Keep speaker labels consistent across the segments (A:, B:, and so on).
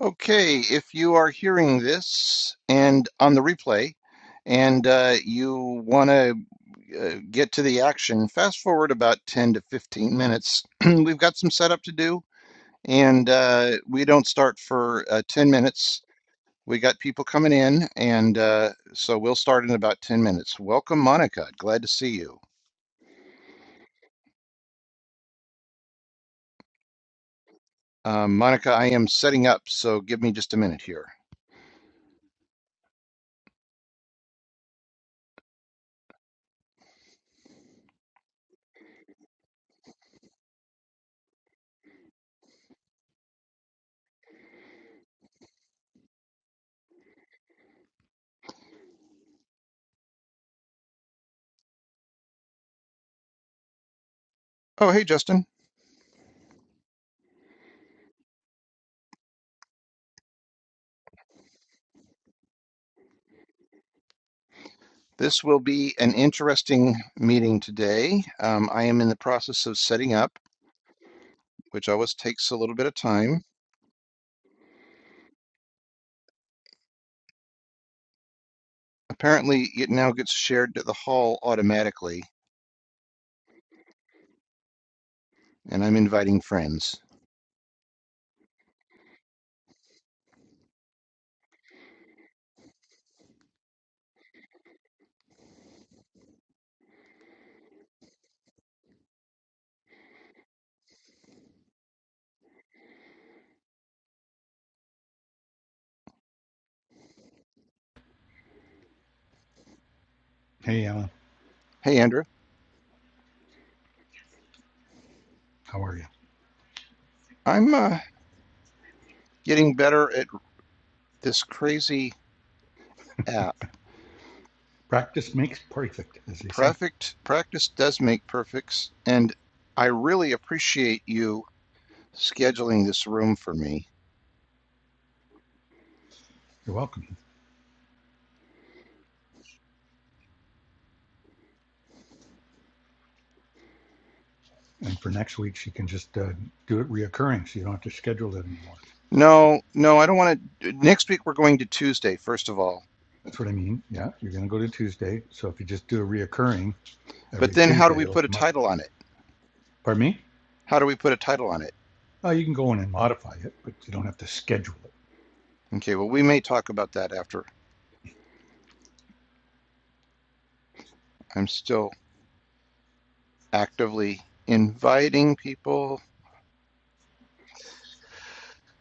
A: Okay, if you are hearing this and on the replay and uh, you want to uh, get to the action, fast forward about 10 to 15 minutes. We've got some setup to do and uh, we don't start for uh, 10 minutes. We got people coming in and uh, so we'll start in about 10 minutes. Welcome, Monica. Glad to see you. Um, Monica, I am setting up, so give me just a minute here. Oh, hey, Justin. This will be an interesting meeting today. Um, I am in the process of setting up, which always takes a little bit of time. Apparently, it now gets shared to the hall automatically, and I'm inviting friends.
B: Hey, Alan,
A: Hey, Andrew,
B: how are you?
A: I'm uh, getting better at this crazy app.
B: Practice makes perfect, as they say.
A: Perfect practice does make perfects, and I really appreciate you scheduling this room for me.
B: You're welcome. And for next week, she can just uh, do it reoccurring, so you don't have to schedule it anymore.
A: No, no, I don't want to. Next week we're going to Tuesday, first of all.
B: That's what I mean. Yeah, you're going to go to Tuesday, so if you just do a reoccurring
A: But
B: every
A: then how do
B: Tuesday,
A: we
B: it'll
A: put a
B: come up.
A: title on it?
B: Pardon me?
A: How do we put a title on it?
B: Oh, you can go in and modify it, but you don't have to schedule it. Do
A: Okay, well, we may talk about that after. I'm still actively inviting people.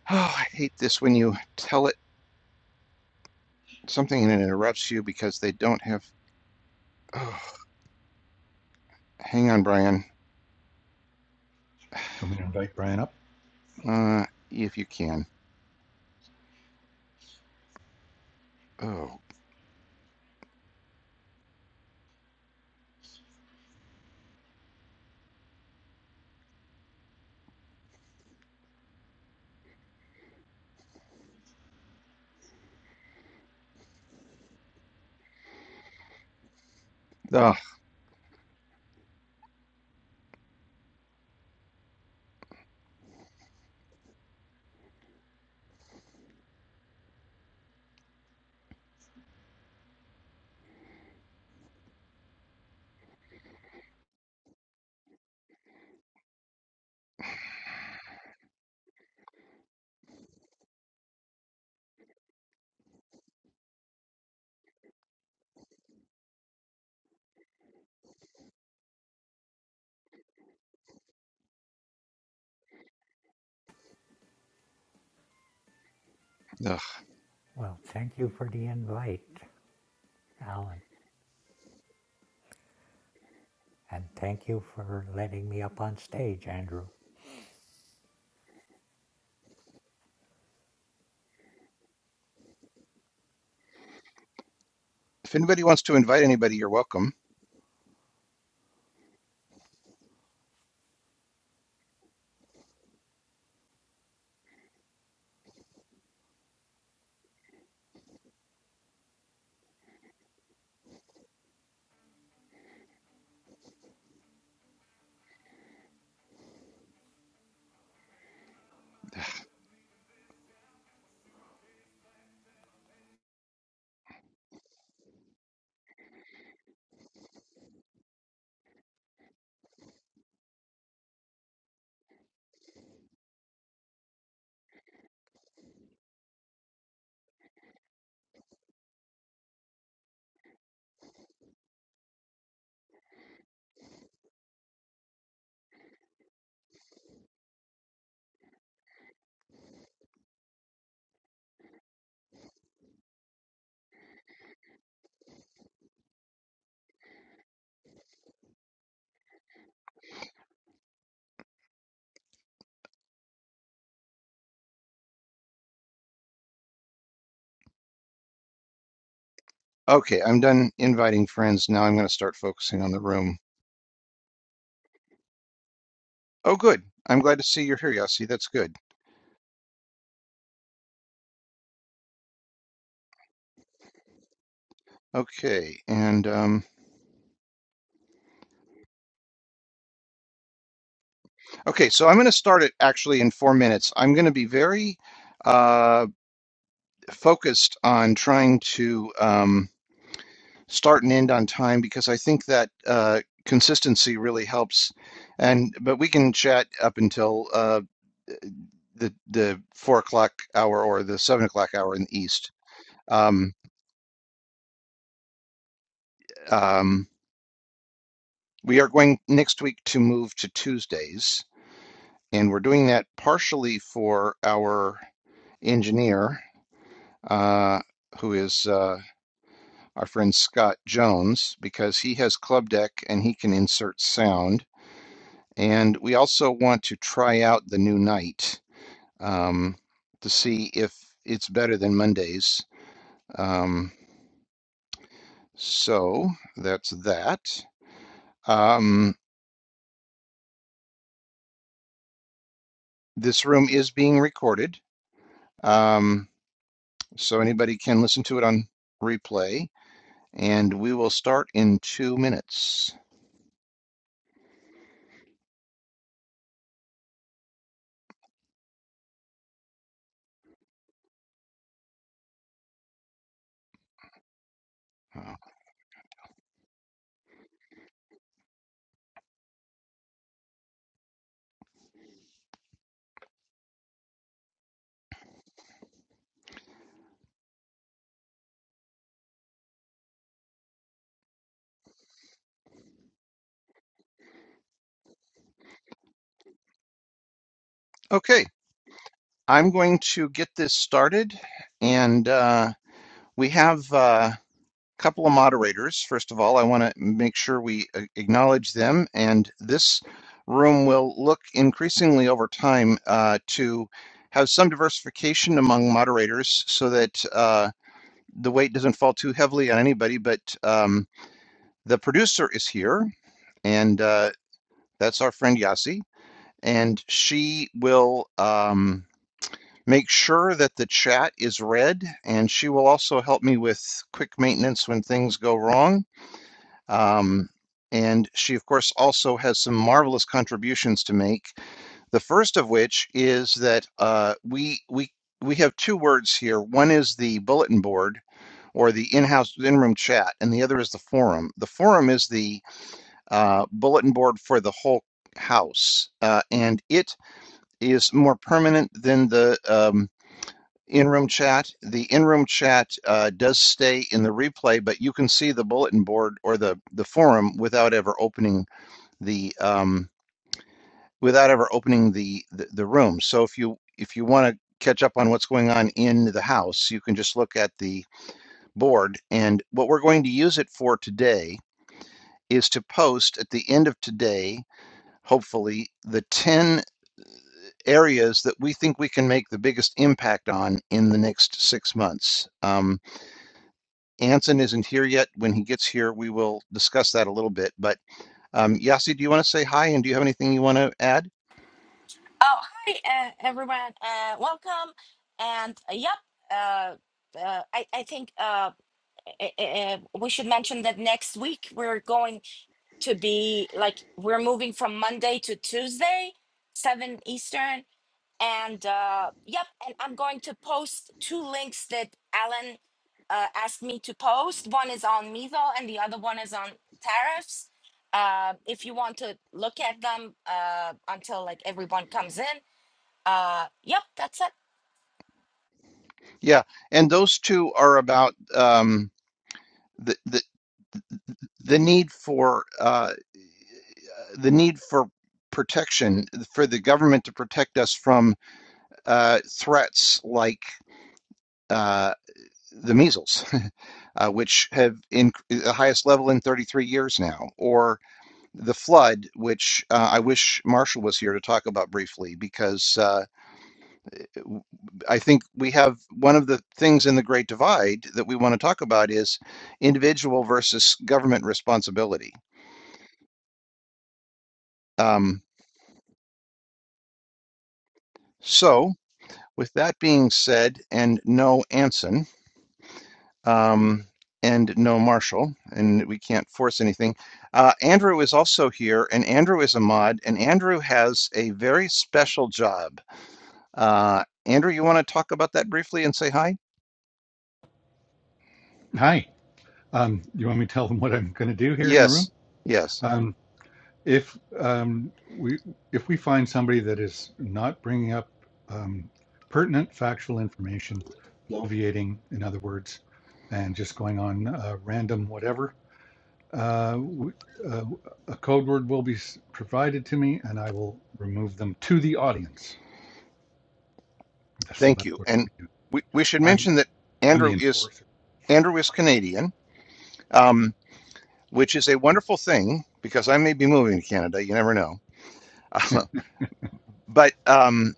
A: Oh, I hate this when you tell it something and it interrupts you because they don't have. Oh, hang on, Brian.
B: you want me to invite Brian up?
A: Uh, if you can. Oh, ugh, ugh.
C: Well, thank you for the invite, Alan. And thank you for letting me up on stage, Andrew.
A: If anybody wants to invite anybody, you're welcome. Okay, I'm done inviting friends. Now I'm going to start focusing on the room. Oh, good. I'm glad to see you're here, Yossi. That's good. Okay, and um, Okay, so I'm going to start it actually in four minutes. I'm going to be very uh, focused on trying to um, start and end on time because I think that uh, consistency really helps. And but we can chat up until uh, the the four o'clock hour or the seven o'clock hour in the east. Um, um, we are going next week to move to Tuesdays, and we're doing that partially for our engineer uh, who is uh, our friend Scott Jones, because he has club deck and he can insert sound. And we also want to try out the new night um, to see if it's better than Mondays. Um, so that's that. Um, this room is being recorded, um, so anybody can listen to it on replay. And we will start in two minutes. Okay. I'm going to get this started, and uh, we have uh, a uh, couple of moderators. First of all, I want to make sure we acknowledge them, and this room will look increasingly over time uh, to have some diversification among moderators so that uh, the weight doesn't fall too heavily on anybody. But um, the producer is here, and uh, that's our friend Yasi, and she will. Um, Make sure that the chat is read, and she will also help me with quick maintenance when things go wrong. Um, and she, of course, also has some marvelous contributions to make. The first of which is that uh, we we we have two words here. One is the bulletin board or the in-house in-room chat, and the other is the forum. The forum is the uh, bulletin board for the whole house, uh, and it is more permanent than the um, in-room chat. The in-room chat uh, does stay in the replay, but you can see the bulletin board or the the forum without ever opening the um, without ever opening the, the the room. So if you if you want to catch up on what's going on in the house, you can just look at the board. And what we're going to use it for today is to post at the end of today, hopefully, the ten areas that we think we can make the biggest impact on in the next six months. Um, Anson isn't here yet. When he gets here, we will discuss that a little bit. But um, Yasi, do you want to say hi? And do you have anything you want to add?
D: Oh, hi, uh, everyone. Uh, welcome. And uh, yep, uh, uh, I, I think uh, uh, uh, we should mention that next week we're going to be like, we're moving from Monday to Tuesday, 7 Eastern. And uh, yep, and I'm going to post two links that Alan uh, asked me to post. One is on Mevo and the other one is on tariffs. Uh, if you want to look at them uh, until like everyone comes in, uh, yep, that's it.
A: Yeah, and those two are about um, the, the the need for uh, the need for protection for the government to protect us from uh, threats like uh, the measles, uh, which have in the highest level in 33 years now, Or the flood, which uh, I wish Marshall was here to talk about briefly, because uh, w- I think we have one of the things in the Great Divide that we want to talk about is individual versus government responsibility. Um, so, with that being said, and no Anson, um, and no Marshall, and we can't force anything. Uh, Andrew is also here, and Andrew is a mod, and Andrew has a very special job. Uh, Andrew, you want to talk about that briefly and say hi?
B: Hi. Um, you want me to tell them what I'm going to do here in the room?
A: Yes, yes.
B: Um. If um, we if we find somebody that is not bringing up um, pertinent factual information, bloviating, in other words, and just going on uh, random whatever, uh, w- uh, a code word will be provided to me, and I will remove them to the audience. So
A: Thank
B: that's
A: you.
B: what I'll
A: And
B: be doing.
A: we, we should
B: I'm
A: mention that
B: I'm the
A: Andrew is
B: enforcer.
A: Andrew is Canadian, um, which is a wonderful thing because I may be moving to Canada. You never know. but um,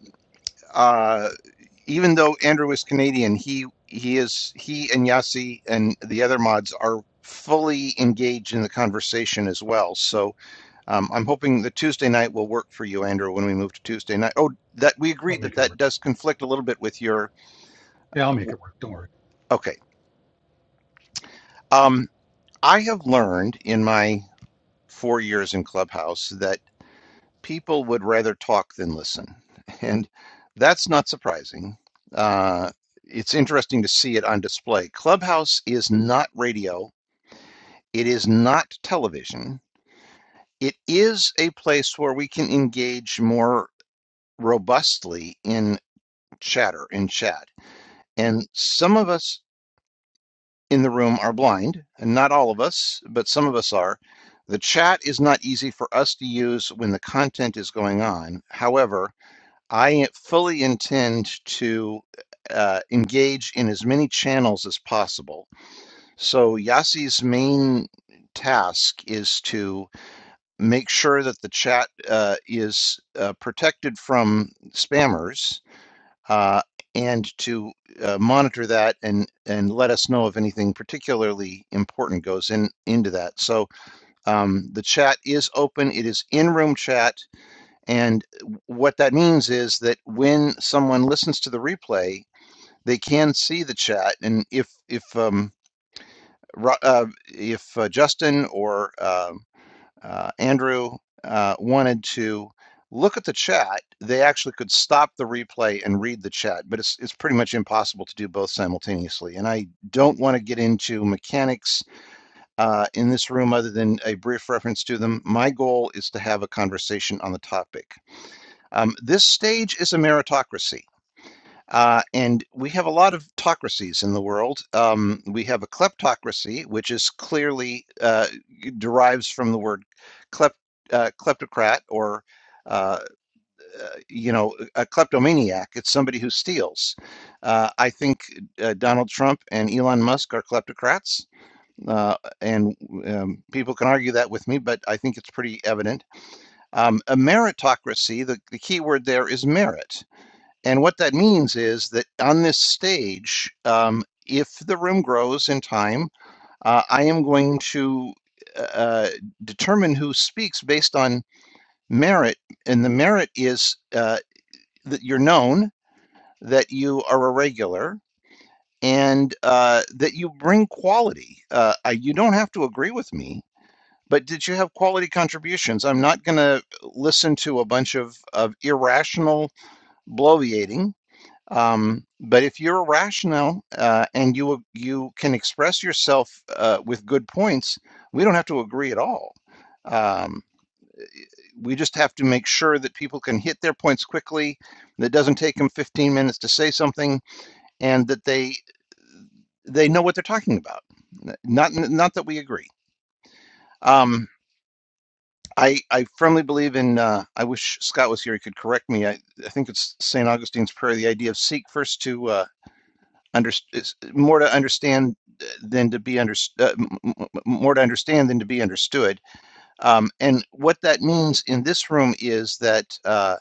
A: uh, even though Andrew is Canadian, he he is he and Yasi and the other mods are fully engaged in the conversation as well. So Um, I'm hoping the Tuesday night will work for you, Andrew, when we move to Tuesday night. Oh, that we
B: I'll
A: agreed
B: make
A: that
B: it
A: that
B: work.
A: does conflict a little bit with your.
B: Yeah, I'll make it work. Don't worry.
A: Okay. Um, I have learned in my four years in Clubhouse that people would rather talk than listen. And that's not surprising. Uh, it's interesting to see it on display. Clubhouse is not radio, it is not television. It is a place where we can engage more robustly in. chatter in chat. And some of us in the room are blind, and not all of us, but some of us are. The chat is not easy for us to use when the content is going on. However, I fully intend to uh, engage in as many channels as possible. So Yassi's main task is to make sure that the chat uh, is uh, protected from spammers uh, and to uh, monitor that and and let us know if anything particularly important goes in into that. So um, the chat is open. It is in room chat, and what that means is that when someone listens to the replay, they can see the chat, and if if um, Ro- uh, if uh, Justin or um uh, Andrew uh, wanted to look at the chat, they actually could stop the replay and read the chat, but it's it's pretty much impossible to do both simultaneously. And I don't want to get into mechanics uh, in this room other than a brief reference to them. My goal is to have a conversation on the topic. Um, this stage is a meritocracy. Uh, and we have a lot of autocracies in the world. Um, we have a kleptocracy, which is clearly uh, derives from the word klep, uh, kleptocrat or uh, uh, you know, a kleptomaniac. It's somebody who steals. Uh, I think uh, Donald Trump and Elon Musk are kleptocrats, uh, and um, people can argue that with me, but I think it's pretty evident. Um, a meritocracy. The, the key word there is merit and what that means is that on this stage, um, if the room grows in time, uh, I am going to uh, uh, determine who speaks based on merit. And the merit is uh, that you're known, that you are a regular, and uh, that you bring quality. Uh, I, you don't have to agree with me. But did you have quality contributions? I'm not going to listen to a bunch of, of irrational bloviating Um, but if you're rational uh, and you you can express yourself uh, with good points, we don't have to agree at all. Um, we just have to make sure that people can hit their points quickly, that it doesn't take them 15 minutes to say something, and that they they know what they're talking about. Not not that we agree. Um, I I firmly believe in. Uh, I wish Scott was here; he could correct me. I, I think it's Saint Augustine's prayer: the idea of seek first to. uh, under, it's more to understand than to be understood, more to understand than to be understood. Um, and what that means in this room is that uh,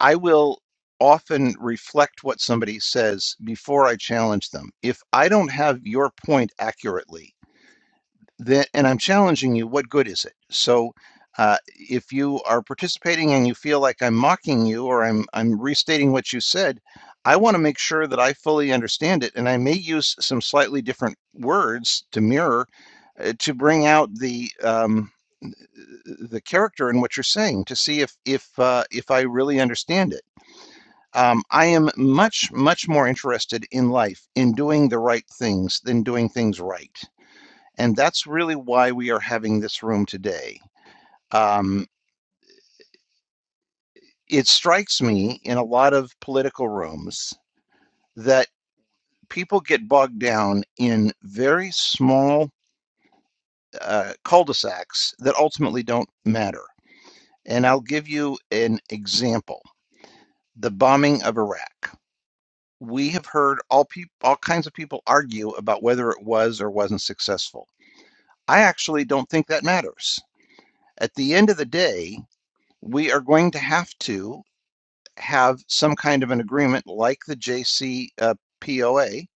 A: I will often reflect what somebody says before I challenge them. If I don't have your point accurately, that and i'm challenging you what good is it so uh, if you are participating and you feel like i'm mocking you or i'm i'm restating what you said i want to make sure that i fully understand it and i may use some slightly different words to mirror uh, to bring out the um, the character in what you're saying to see if if uh, if I really understand it. Um, I am much much more interested in life in doing the right things than doing things right. And that's really why we are having this room today. Um, it strikes me in a lot of political rooms that people get bogged down in very small uh, cul de sacs that ultimately don't matter. And I'll give you an example the bombing of Iraq. We have heard all, peop all kinds of people argue about whether it was or wasn't successful. I actually don't think that matters. At the end of the day, we are going to have to have some kind of an agreement like the JCPOA,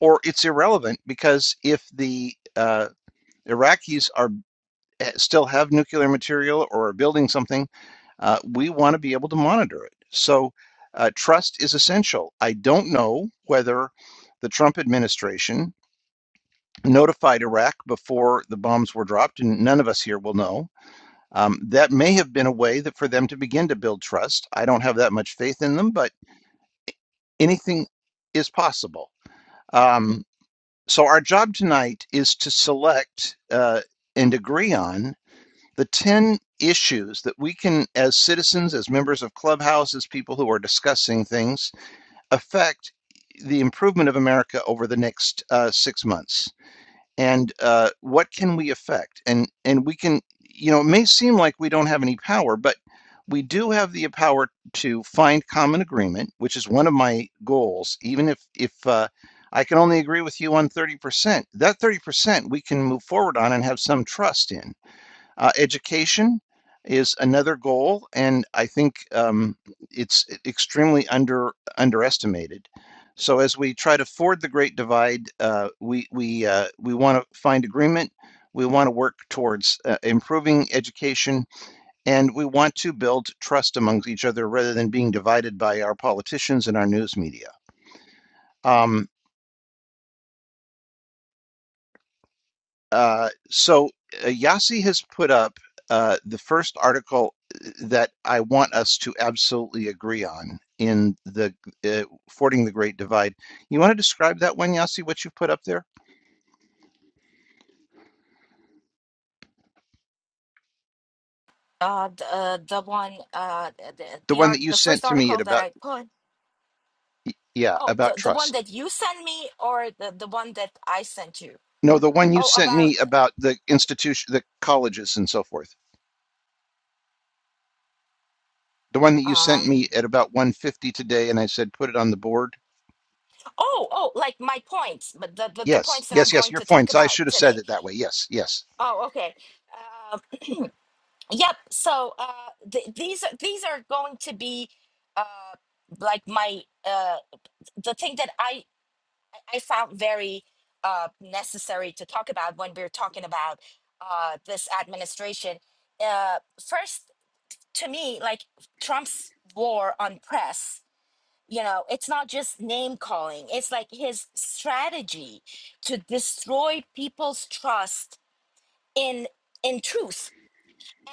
A: or it's irrelevant because if the uh, Iraqis are eh, still have nuclear material or are building something, uh, we want to be able to monitor it. So uh, trust is essential. I don't know whether the Trump administration notified Iraq before the bombs were dropped, and none of us here will know. Um, that may have been a way that for them to begin to build trust. I don't have that much faith in them, but anything is possible. Um, so, our job tonight is to select uh, and agree on the 10 issues that we can, as citizens, as members of Clubhouse, as people who are discussing things, affect the improvement of America over the next uh, six months and uh, what can we affect and and we can you know it may seem like we don't have any power but we do have the power to find common agreement which is one of my goals even if if uh, i can only agree with you on 30% that 30% we can move forward on and have some trust in uh, education is another goal, and I think um, it's e, extremely under underestimated. So as we try to ford the Great Divide, uh, we we uh, we want to find agreement. We want to work towards uh, improving education, and we want to build trust amongst each other rather than being divided by our politicians and our news media. Um, Uh, so uh, Yasi has put up uh, the first article uh, that I want us to absolutely agree on in the uh, Fording the Great Divide. You want to describe that one, Yasi, what you put up there?
D: Uh, the, uh, the one, uh, the,
A: The
D: the
A: one
D: art,
A: that you
D: the
A: sent
D: first
A: to me at
D: article that
A: about,
D: I put.
A: yeah,
D: Oh, the,
A: about
D: the one
A: trust.
D: that you sent me or the, the one that I sent you?
A: No, the one you
D: Oh,
A: sent
D: about,
A: me about the institution, the colleges and so forth. The one that you sent me
D: um,
A: at about 150 today and I said put it on the board.
D: oh, oh, like my points, but the, the, the
A: Yes,
D: points that I'm
A: yes, yes,
D: going
A: your
D: to talk
A: points. I
D: about
A: should have
D: today.
A: said it that way. Yes, yes.
D: Oh, okay. Um, yep. So, uh, th- these, are- these are going to be, uh, like my, uh, the thing that I I found very uh, necessary to talk about when we're talking about uh, this administration. Uh, first, to me, like Trump's war on press, you know, it's not just name calling, it's like his strategy to destroy people's trust in in truth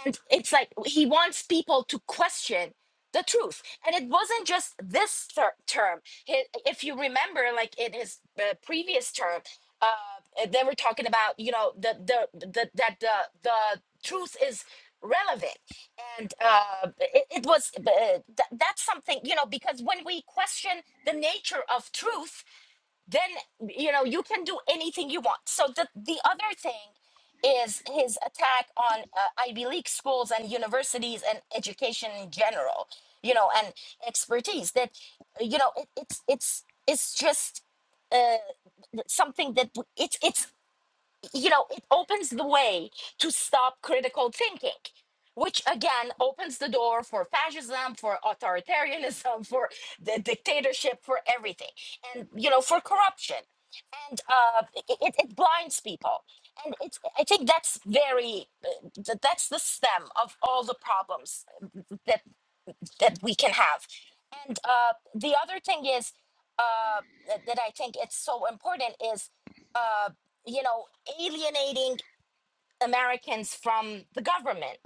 D: and it's like he wants people to question the truth and it wasn't just this ter- term He- if you remember like in his uh, previous term uh, they were talking about you know the the, the that the the truth is relevant and uh, it, it was uh, th- that's something you know because when we question the nature of truth then you know you can do anything you want so the the other thing is his attack on uh, ivy league schools and universities and education in general you know and expertise that you know it, it's it's it's just uh, something that w- it's it's you know, it opens the way to stop critical thinking, which again opens the door for fascism, for authoritarianism, for the dictatorship, for everything, and you know, for corruption, and uh, it, it it blinds people. And it's, I think that's very, uh, th- that's the stem of all the problems uh, That that we can have. And uh, the other thing is uh, that that I think it's so important is, uh, you know, alienating Americans from the government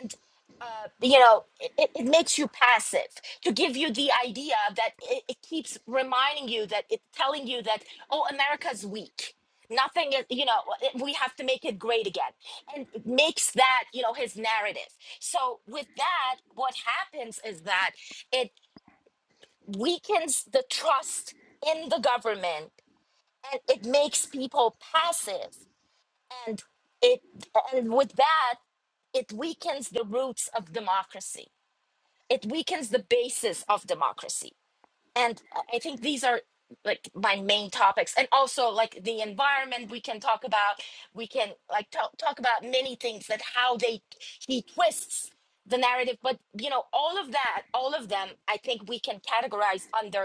D: and uh, you know it, it it makes you passive to give you the idea that it, it keeps reminding you that it telling you that oh america's weak nothing is you know it- we have to make it great again and it makes that you know his narrative so with that what happens is that it weakens the trust in the government and it makes people passive and it and with that it weakens the roots of democracy it weakens the basis of democracy and i I think these are like my main topics and also like the environment we can talk about we can like talk, talk about many things that how they he twists the narrative but you know all of that all of them i think we can categorize under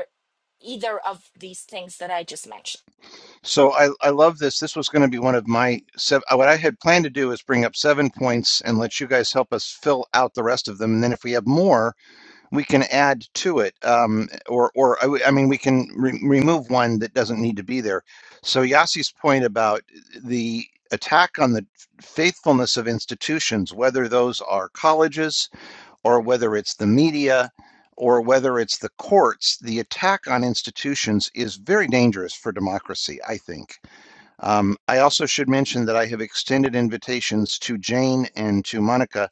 D: either of these things that i just mentioned
A: So I, I love this. This was going to be one of my seven. What I had planned to do is bring up seven points and let you guys help us fill out the rest of them. And then if we have more, we can add to it. Um, or, or I, w- I mean, we can re- remove one that doesn't need to be there. So Yassi's point about the attack on the faithfulness of institutions, whether those are colleges or whether it's the media or whether it's the courts, the attack on institutions is very dangerous for democracy, I think um, I also should mention that I have extended invitations to Jane and to Monica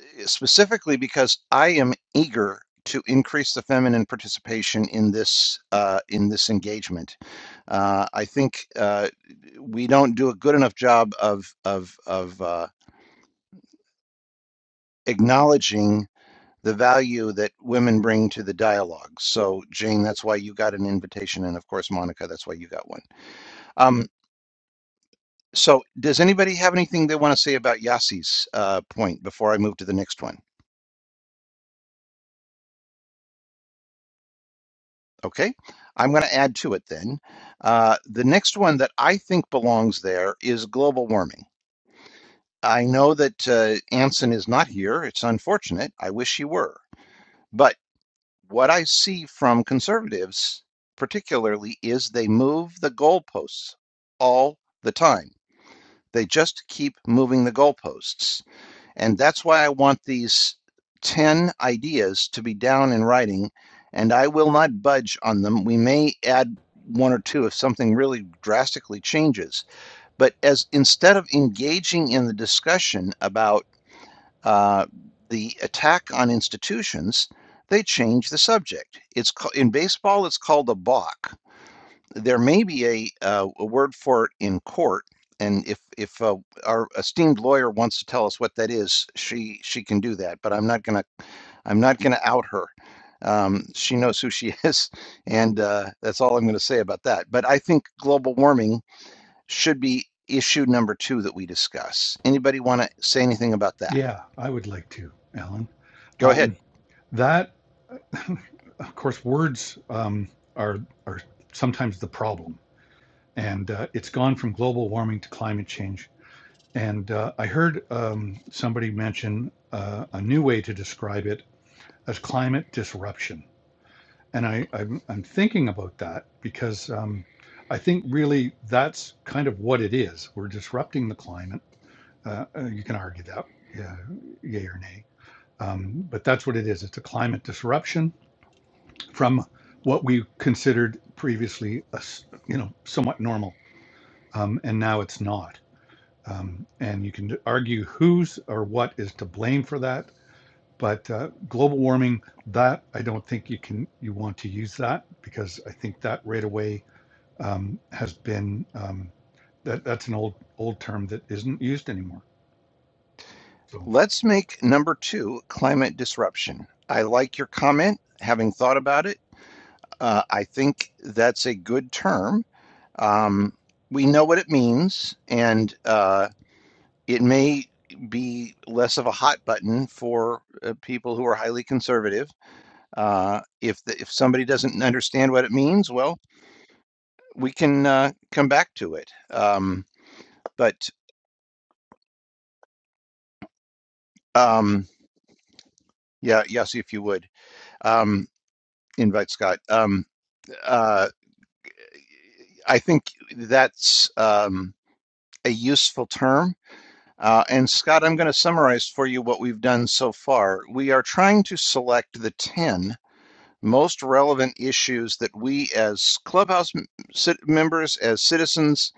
A: eh, specifically because I am eager to increase the feminine participation in this uh, in this engagement. Uh, I think uh, we don't do a good enough job of of of uh, acknowledging the value that women bring to the dialogue. So Jane, that's why you got an invitation, and of course Monica, that's why you got one. Um, So, does anybody have anything they want to say about Yassi's uh, point before I move to the next one? Okay, I'm going to add to it then. Uh, the next one that I think belongs there is global warming. I know that uh, Anson is not here. It's unfortunate. I wish he were. But what I see from conservatives, particularly, is they move the goalposts all the time. They just keep moving the goalposts And that's why I want these 10 ideas to be down in writing, and I will not budge on them. We may add one or two if something really drastically changes. But as instead of engaging in the discussion about uh, the attack on institutions, they change the subject. It's in baseball, it's called a balk there may be a, uh, a word for it in court. And if if uh, our esteemed lawyer wants to tell us what that is, she she can do that. But I'm not gonna I'm not gonna out her. Um, she knows who she is, and uh, that's all I'm going to say about that. But I think global warming should be issue number two that we discuss. Anybody want to say anything about that?
B: Yeah, I would like to, Alan.
A: Go ahead.
B: Um, that of course, words um, are are sometimes the problem, and uh, it's gone from global warming to climate change. And uh, I heard um, somebody mention uh, a new way to describe it as climate disruption, and I I'm, I'm thinking about that because um, I think really that's kind of what it is. We're disrupting the climate. Uh, uh, you can argue that, yeah, yay or nay, um, but that's what it is. It's a climate disruption from what we considered previously, a s- you know, somewhat normal, um, and now it's not. Um, and you can argue who's or what is to blame for that, but uh, global warming, that I don't think you can you want to use that because I think that right away um, has been um, that that's an old old term that isn't used anymore. So
A: Let's make number two climate disruption. I like your comment. Having thought about it. Uh, I think that's a good term. Um, we know what it means, and uh, it may be less of a hot button for uh, people who are highly conservative. Uh, if the, if somebody doesn't understand what it means, well, we can uh, come back to it. Um, but um, yeah, Yossi, if you would um, invite Scott. Um, uh, I think that's um, a useful term Uh, and Scott, I'm going to summarize for you what we've done so far. We are trying to select the 10 most relevant issues that we, as clubhouse members, as citizens,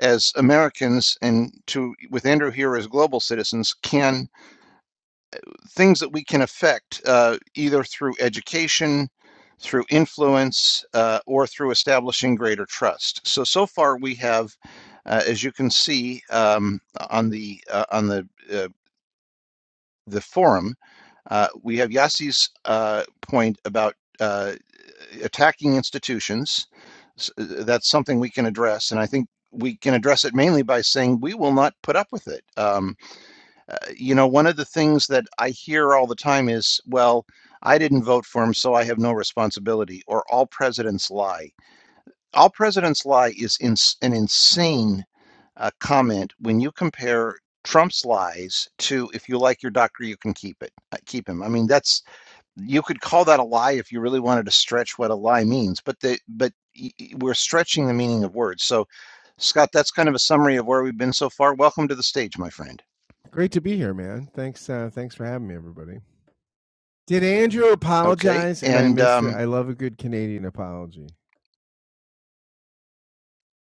A: as Americans, and to with Andrew here as global citizens, can things that we can affect uh, either through education, through influence, uh, or through establishing greater trust. So so far we have, uh, as you can see um, on the uh, on the uh, the forum, uh, we have Yassi's uh, point about uh, attacking institutions. S- uh, That's something we can address, and I think we can address it mainly by saying we will not put up with it. Um, uh, you know, one of the things that I hear all the time is, "Well, I didn't vote for him, so I have no responsibility," or "All presidents lie." All presidents lie is ins- an insane uh, comment when you compare Trump's lies to if you like your doctor, you can keep it, uh, keep him. I mean, that's you could call that a lie if you really wanted to stretch what a lie means, but the but y- y- we're stretching the meaning of words. So, Scott, that's kind of a summary of where we've been so far. Welcome to the stage, my friend.
E: Great to be here, man. Thanks, uh, thanks for having me, everybody. Did Andrew
A: Okay,
E: apologize and I
A: and
E: missed it?
A: um,
E: I love a good Canadian apology.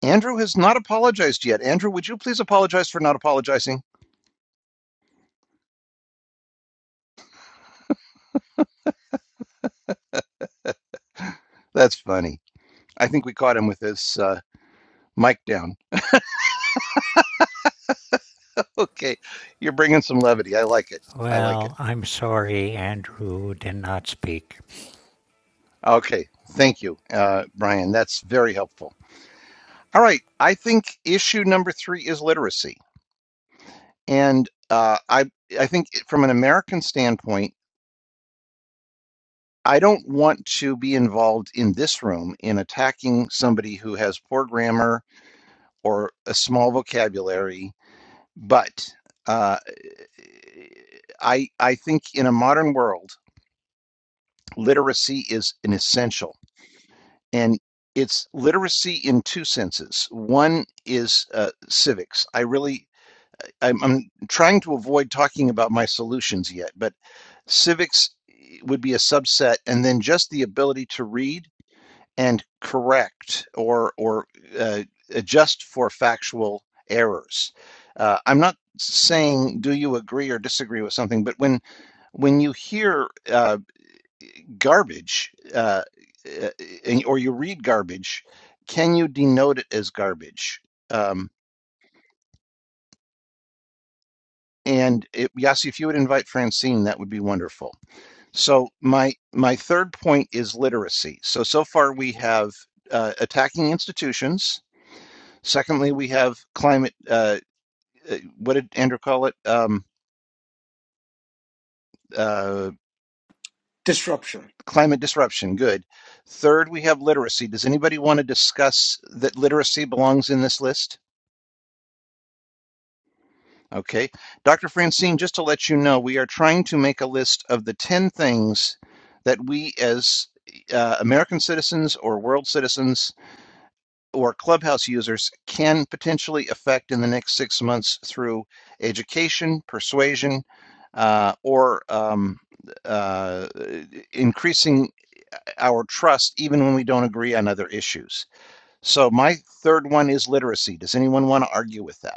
A: Andrew has not apologized yet. Andrew, would you please apologize for not apologizing? That's funny. I think we caught him with his uh, mic down. Okay, you're bringing some levity. I like it. I like it.
C: Well, I'm sorry Andrew did not speak.
A: Okay, thank you, uh, Brian. That's very helpful. All right, I think issue number three is literacy, and uh, I I think from an American standpoint, I don't want to be involved in this room in attacking somebody who has poor grammar or a small vocabulary, but uh, I I think in a modern world, literacy is an essential. and it's literacy in two senses. One is uh, civics. I really, I'm, I'm trying to avoid talking about my solutions yet, but civics eh, would be a subset, and then just the ability to read and correct or or uh, adjust for factual errors. Uh, I'm not saying do you agree or disagree with something, but when when you hear uh, garbage, uh, uh, or you read garbage, can you denote it as garbage? Um, and it, yes, if you would invite Francine, that would be wonderful. So my my third point is literacy. So so far we have uh, attacking institutions. Secondly, we have climate. Uh, uh, what did Andrew call it? Um, uh,
F: disruption.
A: climate disruption. Good. Third, we have literacy. Does anybody want to discuss that literacy belongs in this list? Okay. Dr. Francine, just to let you know, we are trying to make a list of the 10 things that we as uh, American citizens or world citizens or clubhouse users can potentially affect in the next six months through education, persuasion, uh, or um, uh, increasing our trust even when we don't agree on other issues. So, my third one is literacy. Does anyone want to argue with that?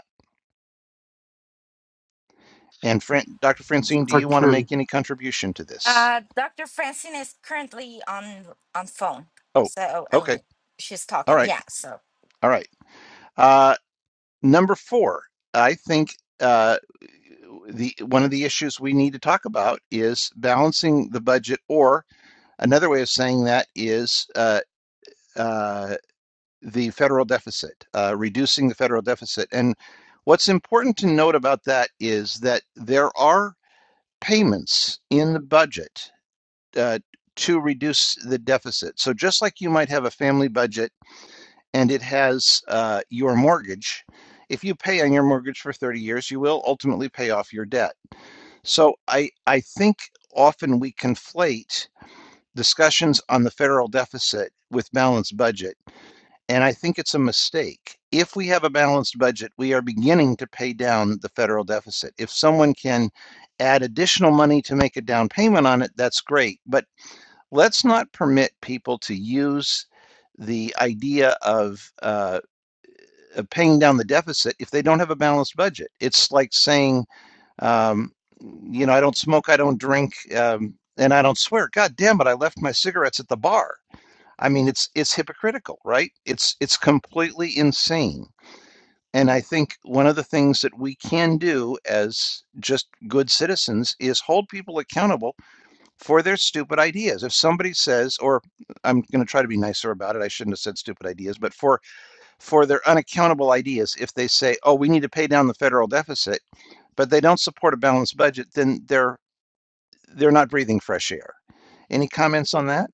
A: And Fran- Dr. Francine,
G: If
A: do
G: I
A: you want to
G: can,
A: make any contribution to this?
D: Uh, Dr. Francine is currently on on phone.
A: Oh,
D: So, I
A: okay.
D: mean, she's
A: All
D: talking.
A: right.
D: Yeah, so.
A: All right. Uh, number four, I think uh, the one of the issues we need to talk about is balancing the budget, or another way of saying that is uh, uh, the federal deficit, uh, reducing the federal deficit. And what's important to note about that is that there are payments in the budget uh, to reduce the deficit. So just like you might have a family budget and it has uh, your mortgage, if you pay on your mortgage for 30 years, you will ultimately pay off your debt. So I I think often we conflate discussions on the federal deficit with balanced budget, and I think it's a mistake. If we have a balanced budget, we are beginning to pay down the federal deficit. If someone can add additional money to make a down payment on it, that's great. But let's not permit people to use the idea of, uh, of paying down the deficit if they don't have a balanced budget. It's like saying, um, you know, I don't smoke, I don't drink, um, and I don't swear. God damn it, I left my cigarettes at the bar. I mean, it's it's hypocritical, right? It's it's completely insane. And I think one of the things that we can do as just good citizens is hold people accountable for their stupid ideas. If somebody says, or I'm going to try to be nicer about it, I shouldn't have said stupid ideas, but for for their unaccountable ideas, if they say, "Oh, we need to pay down the federal deficit," but they don't support a balanced budget, then they're they're not breathing fresh air. Any comments on that?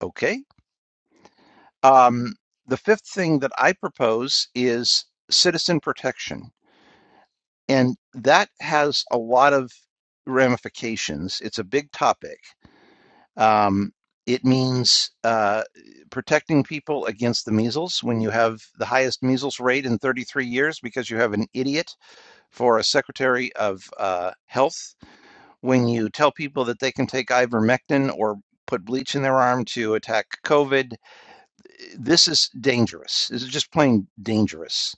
A: Okay. Um, the fifth thing that I propose is citizen protection, and that has a lot of ramifications. It's a big topic. Um, it means uh, protecting people against the measles when you have the highest measles rate in 33 years because you have an idiot for a secretary of uh, health. When you tell people that they can take ivermectin or put bleach in their arm to attack COVID, this is dangerous. This is just plain dangerous.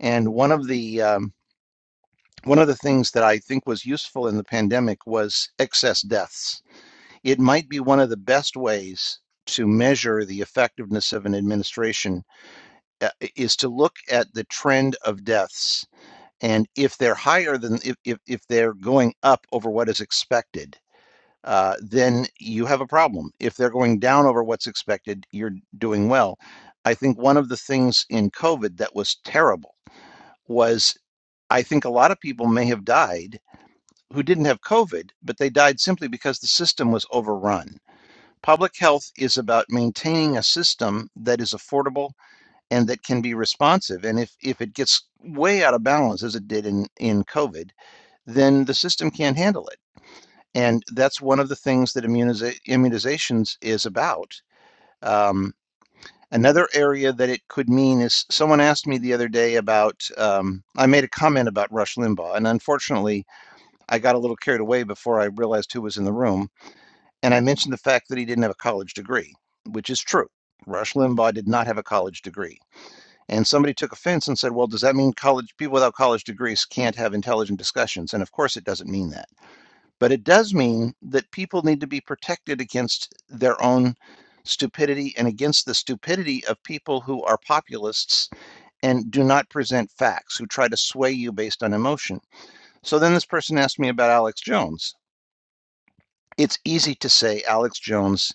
A: And one of the um, one of the things that I think was useful in the pandemic was excess deaths it might be one of the best ways to measure the effectiveness of an administration uh, is to look at the trend of deaths and if they're higher than if, if, if they're going up over what is expected uh, then you have a problem if they're going down over what's expected you're doing well i think one of the things in covid that was terrible was i think a lot of people may have died who didn't have covid but they died simply because the system was overrun Public health is about maintaining a system that is affordable and that can be responsive. And if, if it gets way out of balance, as it did in, in COVID, then the system can't handle it. And that's one of the things that immuniza- immunizations is about. Um, another area that it could mean is someone asked me the other day about, um, I made a comment about Rush Limbaugh. And unfortunately, I got a little carried away before I realized who was in the room and I mentioned the fact that he didn't have a college degree, which is true. Rush Limbaugh did not have a college degree. And somebody took offense and said, well, does that mean college people without college degrees can't have intelligent discussions? And of course, it doesn't mean that. But it does mean that people need to be protected against their own stupidity and against the stupidity of people who are populists and do not present facts, who try to sway you based on emotion. So then this person asked me about Alex Jones. It's easy to say Alex Jones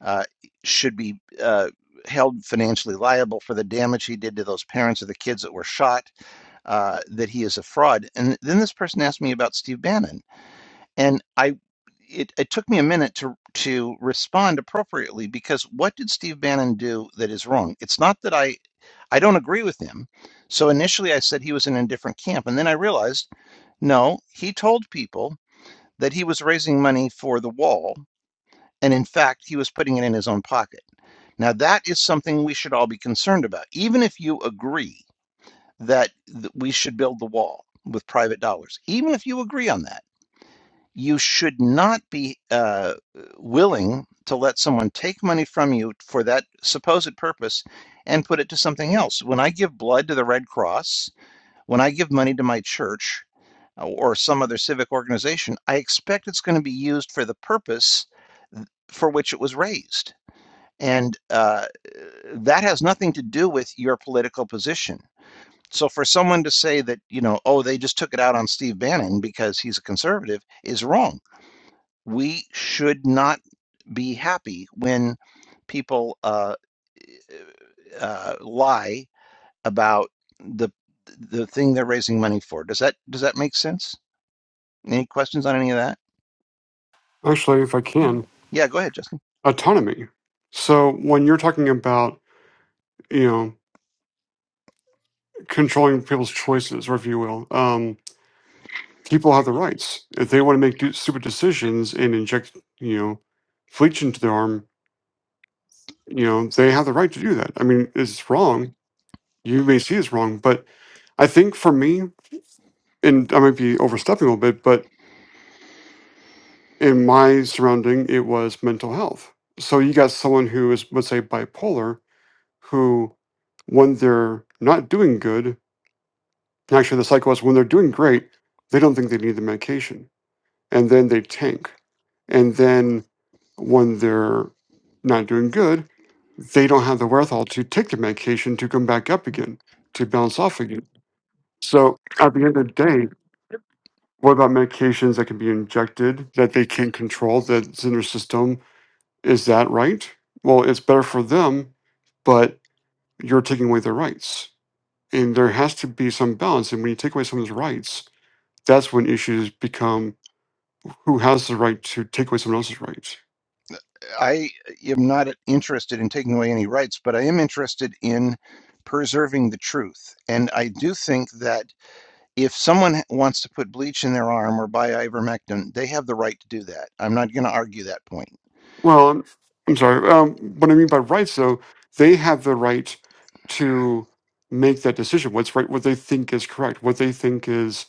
A: uh, should be uh, held financially liable for the damage he did to those parents of the kids that were shot, uh, that he is a fraud. And then this person asked me about Steve Bannon. And I, it, it took me a minute to, to respond appropriately because what did Steve Bannon do that is wrong? It's not that I, I don't agree with him. So initially I said he was in a different camp. And then I realized, no, he told people that he was raising money for the wall. And in fact, he was putting it in his own pocket. Now, that is something we should all be concerned about. Even if you agree that we should build the wall with private dollars, even if you agree on that, you should not be uh, willing to let someone take money from you for that supposed purpose and put it to something else. When I give blood to the Red Cross, when I give money to my church uh, or some other civic organization, I expect it's going to be used for the purpose for which it was raised and uh, that has nothing to do with your political position. So for someone to say that, you know, oh, they just took it out on Steve Bannon because he's a conservative is wrong. We should not be happy when people uh, uh, lie about the the thing they're raising money for. Does that does that make sense? Any questions on any of that?
G: actually, if I can,
A: Yeah, go ahead, Justin.
G: autonomy. So when you're talking about, you know, controlling people's choices, or if you will, um, people have the rights. If they want to make do- stupid decisions and inject, you know, bleach into their arm, you know, they have the right to do that. I mean, it's wrong. You may see it's wrong, but I think for me, and I might be overstepping a little bit, but in my surrounding, it was mental health. So you got someone who is, let's say, bipolar who, when they're not doing good, actually the cycle is when they're doing great, they don't think they need the medication, and then they tank. And then when they're not doing good, they don't have the wherewithal to take the medication to come back up again to bounce off again. So at the end of the day, what about medications that can be injected that they can't control that's in their system? Is that right? Well, it's better for them, but you're taking away their rights. and there has to be some balance. And when you take away someone's rights, that's when issues become who has the right to take away someone else's rights.
A: I am not interested in taking away any rights, but I am interested in preserving the truth. And I do think that if someone wants to put bleach in their arm or buy ivermectin, they have the right to do that. I'm not going to argue that point.
G: Well, I'm, I'm sorry. Um, what I mean by rights, though, they have the right to make that decision. What's right? What they think is correct. What they think is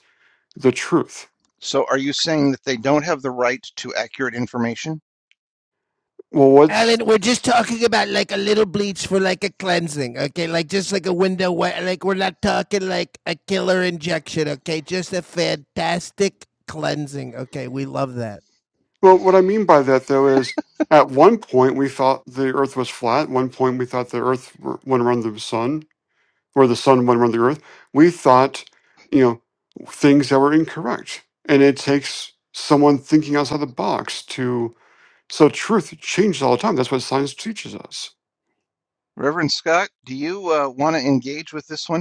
G: the truth.
A: So are you saying that they don't have the right to accurate information?
G: Well, what's
E: Alan, we're just talking about like a little bleach for like a cleansing, okay? Like just like a window, wa- like we're not talking like a killer injection, okay? Just a fantastic cleansing, okay? We love that.
G: well, what I mean by that though is at one point we thought the Earth was flat. At one point we thought the Earth went around the sun. or the sun, one around the earth. We thought, you know, things that were incorrect. And it takes someone thinking outside the box to, so truth changes all the time. That's what science teaches us.
A: Reverend Scott, do you uh, want to engage with this one?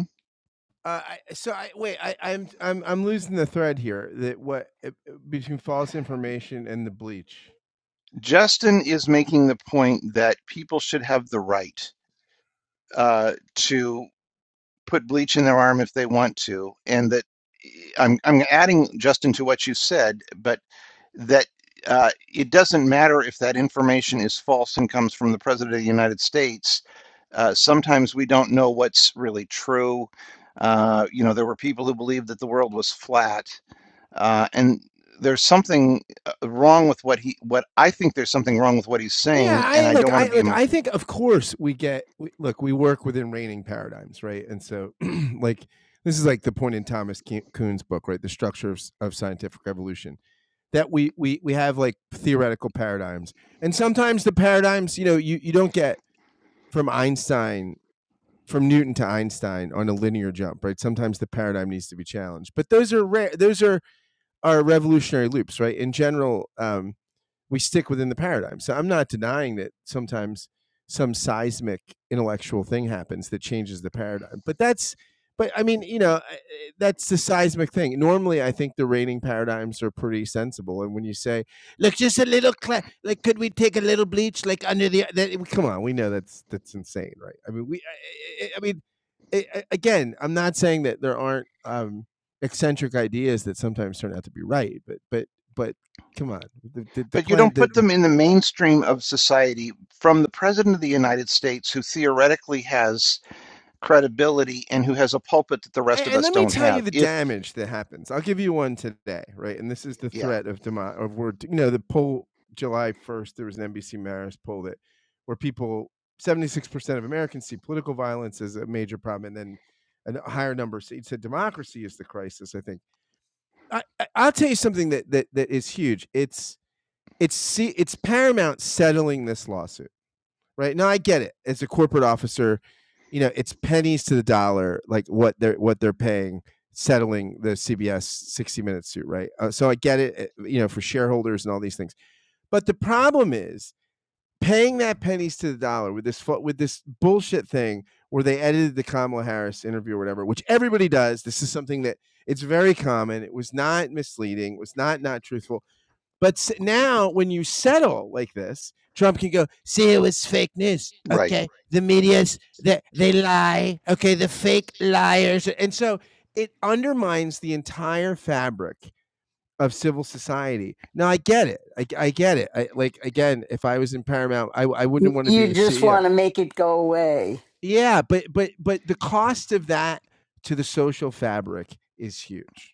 E: Uh, I, so I wait. I, I'm I'm I'm losing the thread here. That what uh, between false information and the bleach.
A: Justin is making the point that people should have the right uh, to put bleach in their arm if they want to, and that eh, I'm I'm adding Justin to what you said, but that uh, it doesn't matter if that information is false and comes from the president of the United States. Uh, sometimes we don't know what's really true. Uh, you know, there were people who believed that the world was flat, uh, and there's something uh, wrong with what he what I think there's something wrong with what he's
E: Yeah,
A: saying, and
E: I
A: I
E: look.
A: don't want
E: I
A: to be
E: look.
A: him.
E: I think, of course, we get. We, look, we work within reigning paradigms, right? And so, like, this is like the point in Thomas Kuhn's book, right? The structure of, of scientific evolution that we we we have like theoretical paradigms, and sometimes the paradigms, you know, you you don't get from Einstein from Newton to Einstein on a linear jump, right? Sometimes the paradigm needs to be challenged, but those are rare. Those are are revolutionary loops, right? In general, um, we stick within the paradigm. So I'm not denying that sometimes some seismic intellectual thing happens that changes the paradigm. But that's, but I mean, you know, that's the seismic thing. Normally, I think the rating paradigms are pretty sensible. And when you say, look, just a little, cla- like, could we take a little bleach, like under the, that, come on, we know that's, that's insane, right? I mean, we, I, I I- I mean, again, I'm not saying that there aren't um, eccentric ideas that sometimes turn out to be right, but, but, but Come on, the the, the,
A: But you
E: clan,
A: don't
E: the,
A: put them in the mainstream of society from the president of the United States, who theoretically has credibility and who has a pulpit that the rest
E: and,
A: of us
E: let me
A: don't
E: tell you
A: have.
E: the
A: If
E: damage that happens. I'll give you one today, right? And this is the
A: yeah,
E: threat of demo of word. You know, the poll July first, there was an NBC Marist poll that where people seventy six percent of Americans see political violence as a major problem, and then a higher number said democracy is the crisis. I think I, I- I'll tell you something that that that is huge. It's it's see it's Paramount settling this lawsuit. right? now, I get it. As a corporate officer, you know, it's pennies to the dollar, like what they're what they're paying settling the CBS 60 Minutes suit, right? Uh, so I get it, uh, you know, for shareholders and all these things. But the problem is paying that pennies to the dollar with this with this bullshit thing where they edited the Kamala Harris interview or whatever, which everybody does. This is something that it's very common. It was not misleading. It was not not truthful. But now, when you settle like this, Trump can go, see, it was fake news.
A: right.
E: Okay. The media's, they, they lie. Okay. The fake liars. And so it undermines the entire fabric of civil society. Now, I get it. I I get it. I, like, again, if I was in Paramount, I, I
H: Y-
E: wouldn't want to be the
H: You just
E: CEO.
H: want to make it go away.
E: Yeah. But, but, but the cost of that to the social fabric is huge.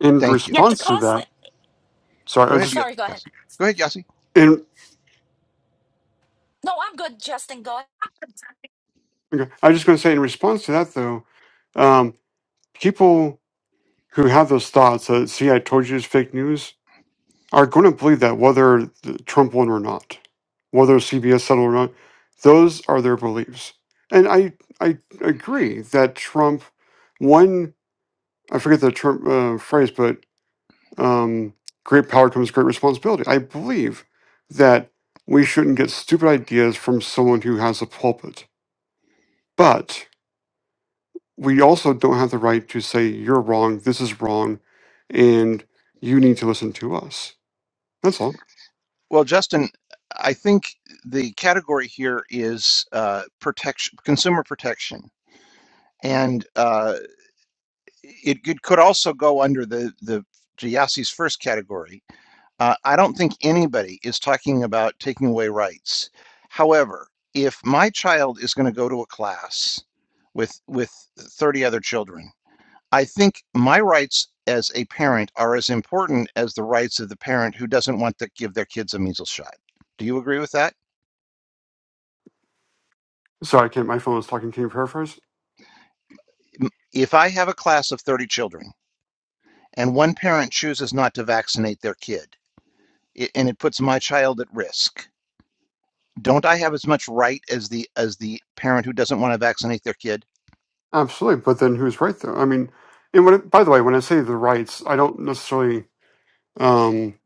G: In
A: Thank you.
D: Yeah, the
G: response to
D: cost.
G: that, sorry, I
A: Go
G: was
D: Oh,
A: ahead,
G: just,
A: Yo-
D: sorry, go ahead.
A: Yossi. Go ahead, Yossi.
G: in,
D: No, I'm good, Justin. Go ahead.
G: okay, I was just going to say, in response to that though, um, people who have those thoughts that, see, I told you it's fake news, are going to believe that whether the- Trump won or not, whether CBS settled or not, those are their beliefs. And I I agree that Trump one I forget the Trump uh, phrase, but um, great power comes great responsibility. I believe that we shouldn't get stupid ideas from someone who has a pulpit, but we also don't have the right to say you're wrong, this is wrong, and you need to listen to us. That's all.
A: Well, Justin, I think the category here is uh, protection, consumer protection, and uh, it, it could also go under the the to Yossi's first category. Uh, I don't think anybody is talking about taking away rights. However, if my child is going to go to a class with with 30 other children I think my rights as a parent are as important as the rights of the parent who doesn't want to give their kids a measles shot. Do you agree with that?
G: Sorry, I can't. My phone was talking. Can you paraphrase?
A: If I have a class of 30 children and one parent chooses not to vaccinate their kid i- and it puts my child at risk, don't I have as much right as the as the parent who doesn't want to vaccinate their kid?
G: Absolutely, but then who's right though? I mean, and when by the way, when I say the rights, I don't necessarily. Um,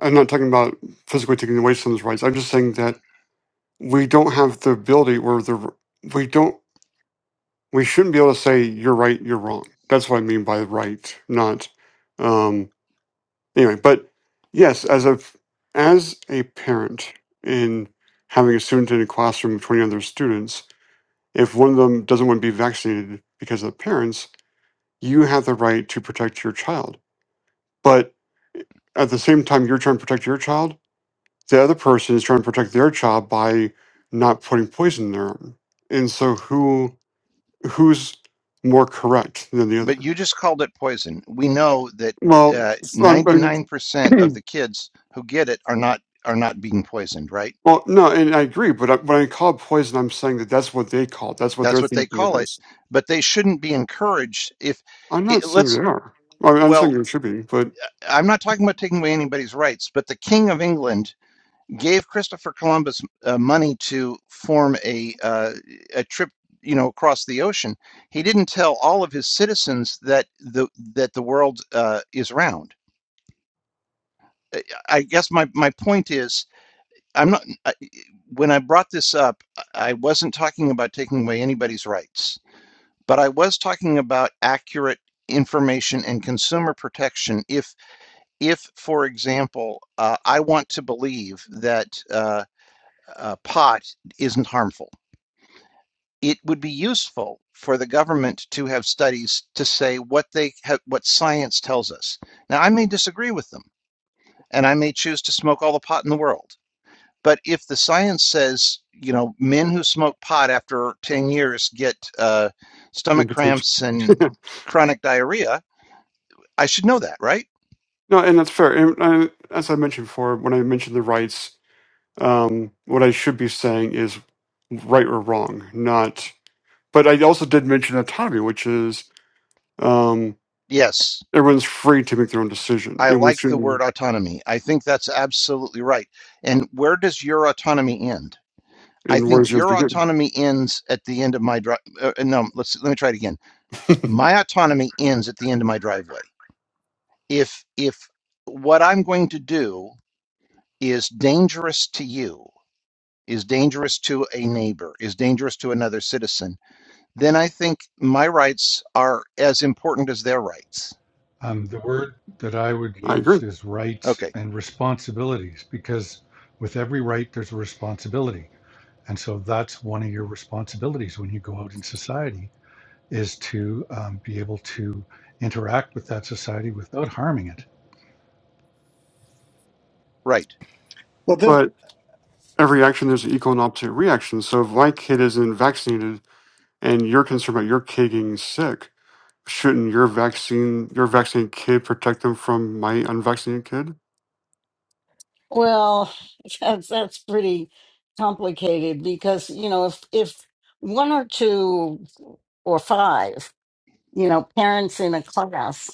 G: I'm not talking about physically taking away someone's rights. I'm just saying that we don't have the ability, or the we don't, we shouldn't be able to say you're right, you're wrong. That's what I mean by right, not. Um, anyway, but yes, as a as a parent in having a student in a classroom of 20 other students, if one of them doesn't want to be vaccinated because of the parents, you have the right to protect your child. But at the same time, you're trying to protect your child. The other person is trying to protect their child by not putting poison in their arm. And so, who who's more correct than the
A: But
G: other?
A: you just called it poison. We know that
G: Well,
A: uh,
G: I'm, I'm-
A: 99% of the kids who get it are not are not being poisoned, right?
G: well, no, and I agree. But I, when I call it poison, I'm saying that that's what they call it. That's what
A: That's
G: they're
A: what they
G: thinking it
A: call it.
G: is.
A: But they shouldn't be encouraged if
G: I'm not
A: it,
G: saying
A: let's
G: they are. I mean, I'm saying
A: well,
G: they should be, but
A: I'm not talking about taking away anybody's rights, but the King of England gave Christopher Columbus uh, money to form a uh, a trip, you know, across the ocean. He didn't tell all of his citizens that the that the world uh, is round. I I guess my my point is I'm not I, when I brought this up, I I wasn't talking about taking away anybody's rights But I was talking about accurate information and consumer protection. If, if for example, uh, I want to believe that uh, uh, pot isn't harmful, it would be useful for the government to have studies to say what they have, what science tells us. Now, I may disagree with them, and I may choose to smoke all the pot in the world. But if the science says, you know, men who smoke pot after 10 years get uh,
G: in
A: stomach
G: potential.
A: cramps and chronic diarrhea, I should know that, right?
G: no, and that's fair. And, uh as I mentioned before, when I mentioned the rights, um, what I should be saying is right or wrong, not. But I also did mention autonomy, which is Um,
A: Yes.
G: everyone's free to make their own decision,
A: I
G: and we
A: like the word
G: shouldn't.
A: autonomy. I think that's absolutely right. And where does your autonomy end? I
G: And
A: think
G: where's yours
A: your
G: begin?
A: autonomy ends at the end of my drive. Uh, uh, no, let's let me try it again.
G: I
A: My autonomy ends at the end of my driveway. If if what I'm going to do is dangerous to you, is dangerous to a neighbor, is dangerous to another citizen, then I think my rights are as important as their rights.
B: um, the word that I would use
G: agree.
B: is rights
A: Okay,
B: and responsibilities because with every right there's a responsibility And so that's one of your responsibilities when you go out in society is to um, be able to interact with that society without harming it.
A: right.
F: Well, this,
G: But every action, there's an equal and opposite reaction. So if my kid isn't vaccinated, and you're concerned about your kid getting sick, shouldn't your vaccine, your vaccinated kid, protect them from my unvaccinated kid?
H: Well, that's that's pretty complicated because you know if if one or two or five you know, parents in a class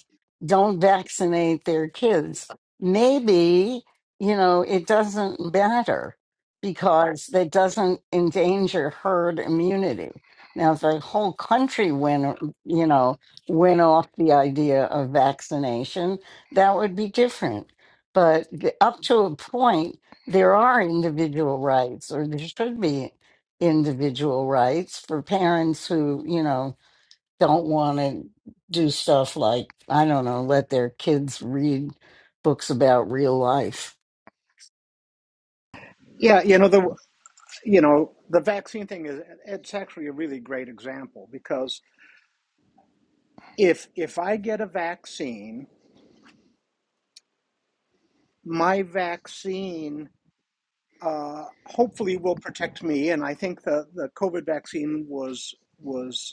H: don't vaccinate their kids. Maybe, you know, it doesn't matter because that doesn't endanger herd immunity. Now, if the whole country went, you know, went off the idea of vaccination, that would be different. But the- up to a point, there are individual rights, or there should be individual rights for parents who, you know, don't want to do stuff like, I don't know, let their kids read books about real life.
F: yeah, you know the you know the vaccine thing is it's actually a really great example because if if I get a vaccine, my vaccine uh, hopefully will protect me, and I think the the COVID vaccine was was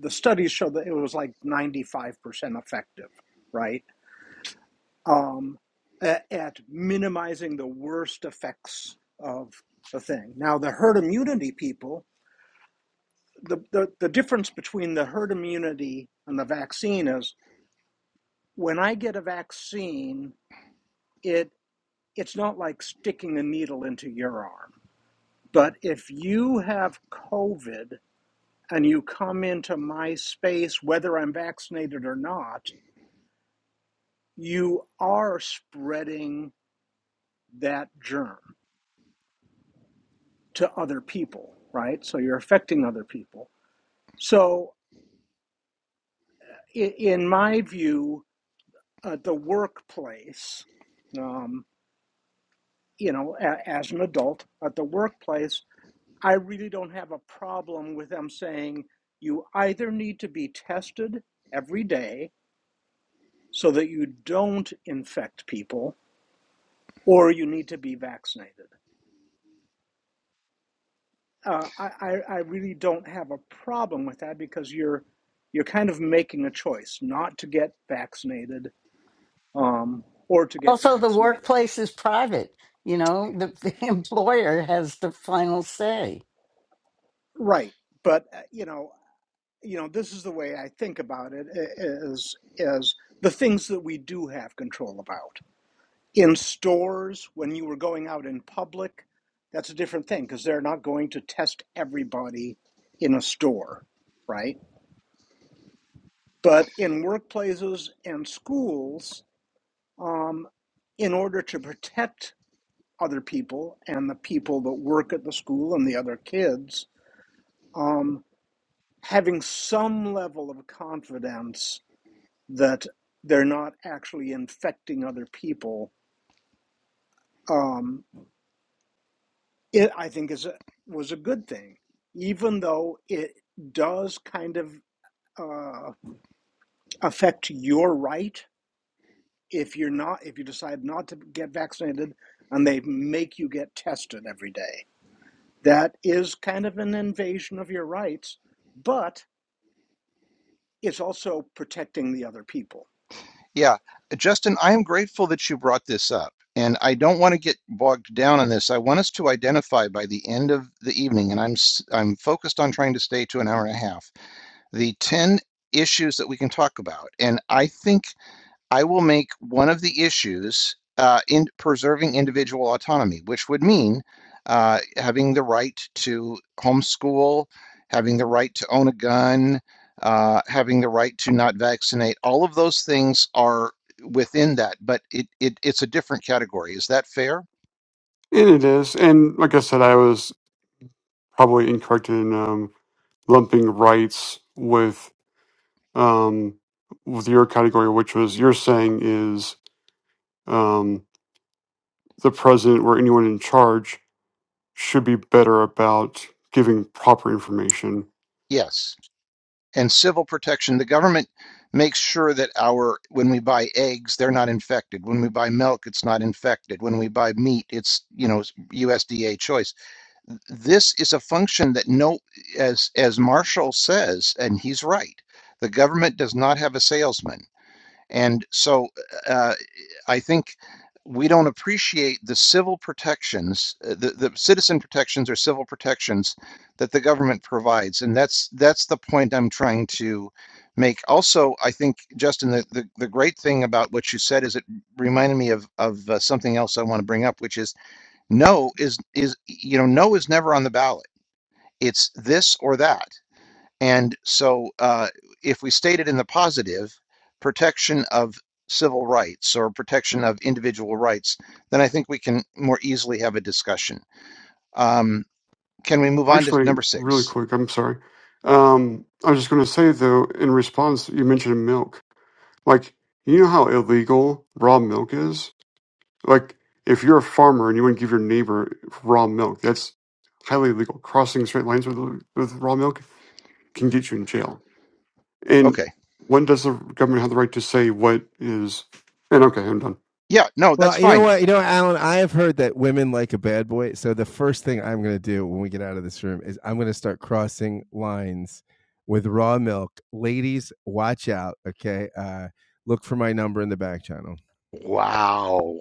F: the studies show that it was like ninety five percent effective, right? Um, at, at minimizing the worst effects of the thing. Now the herd immunity people the, the, the difference between the herd immunity and the vaccine is when I get a vaccine, it it's not like sticking a needle into your arm. But if you have COVID and you come into my space, whether I'm vaccinated or not, you are spreading that germ to other people, right? So you're affecting other people. So, in my view, uh, the workplace. Um, you know, a, as an adult at the workplace, I really don't have a problem with them saying you either need to be tested every day so that you don't infect people, or you need to be vaccinated. Uh, I, I, I really don't have a problem with that because you're you're kind of making a choice not to get vaccinated um, or to get
H: Also, the
F: vaccinated,
H: workplace is private. You know, the, the employer has the final say.
F: right? But uh, you know. you know this is the way i think about it: is is is the things that we do have control about in stores when you were going out in public that's a different thing because they're not going to test everybody in a store right but in workplaces and schools um, in order to protect other people and the people that work at the school and the other kids um, having some level of confidence that they're not actually infecting other people, um, it I think is a, was a good thing, even though it does kind of uh, affect your right if you're not if you decide not to get vaccinated and they make you get tested every day. That is kind of an invasion of your rights, but it's also protecting the other people.
A: Yeah, Justin, I am grateful that you brought this up. And I don't want to get bogged down on this. I want us to identify by the end of the evening, and I'm s- I'm focused on trying to stay to an hour and a half, the 10 issues that we can talk about. And I think I will make one of the issues uh, in preserving individual autonomy, which would mean uh, having the right to homeschool, having the right to own a gun, uh, having the right to not vaccinate. All of those things are within that, but it, it it's a different category. Is that fair?
G: And it is. And like I said, I was probably incorrect in um, lumping rights with um, with your category, which was you're saying is. um. the president or anyone in charge should be better about giving proper information.
A: Yes. and civil protection. The government makes sure that our when we buy eggs, they're not infected. When we buy milk, it's not infected. When we buy meat, it's you know USDA choice. This is a function that no, as as Marshall says, and he's right. The government does not have a salesman, and so. uh, I think we don't appreciate the civil protections, uh, the, the citizen protections or civil protections that the government provides. And that's that's the point I'm trying to make. Also, I think, Justin, the, the, the great thing about what you said is it reminded me of, of uh, something else I want to bring up, which is no is is, you know, no is never on the ballot. It's this or that. And so, uh, if we state it in the positive, protection of civil rights or protection of individual rights, then I think we can more easily have a discussion. Um, can we move on to
G: Actually,
A: number
G: really
A: six?
G: quick, I'm sorry. Um, I was just going to say, though, in response, you mentioned milk. Like, you know how illegal raw milk is? Like, if you're a farmer and you want to give your neighbor raw milk, that's highly illegal. Crossing straight lines with, with raw milk can get you in jail. And
A: Okay.
G: when does the government have the right to say what is? And okay, I'm done.
A: Yeah, no, that's
E: Well, you know
A: fine.
E: what? You know, Alan, I have heard that women like a bad boy. So the first thing I'm going to do when we get out of this room is I'm going to start crossing lines with raw milk. Ladies, watch out. Okay. Uh, look for my number in the back channel.
A: Wow.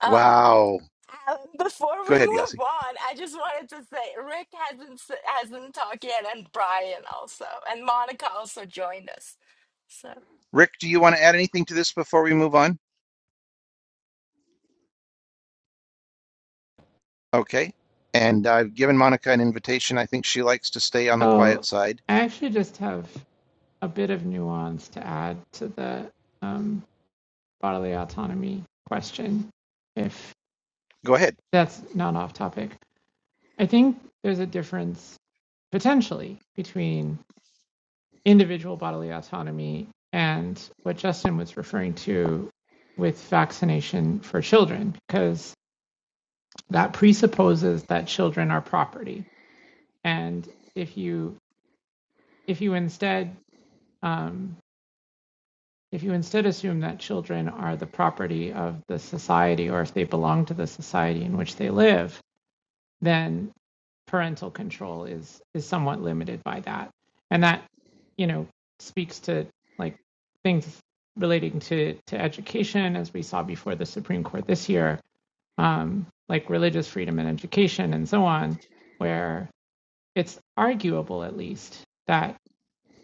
D: Uh,
A: Wow.
D: um, before
A: Go
D: we
A: ahead,
D: move
A: Yasi.
D: on, I just wanted to say Rick hasn't s- hasn't talked yet, and Brian also, and Monica also joined us. So,
A: Rick, do you want to add anything to this before we move on? Okay. And I've given Monica an invitation. I think she likes to stay on the
I: Oh,
A: quiet side.
I: I actually just have a bit of nuance to add to the um, bodily autonomy question, if
A: Go ahead.
I: that's not off topic. I think there's a difference potentially between individual bodily autonomy and what Justin was referring to with vaccination for children, because that presupposes that children are property. And if you if you instead um, If you instead assume that children are the property of the society or if they belong to the society in which they live, then parental control is is somewhat limited by that. And that, you know, speaks to like things relating to to education as we saw before the Supreme Court this year, um, like religious freedom and education and so on, where it's arguable at least that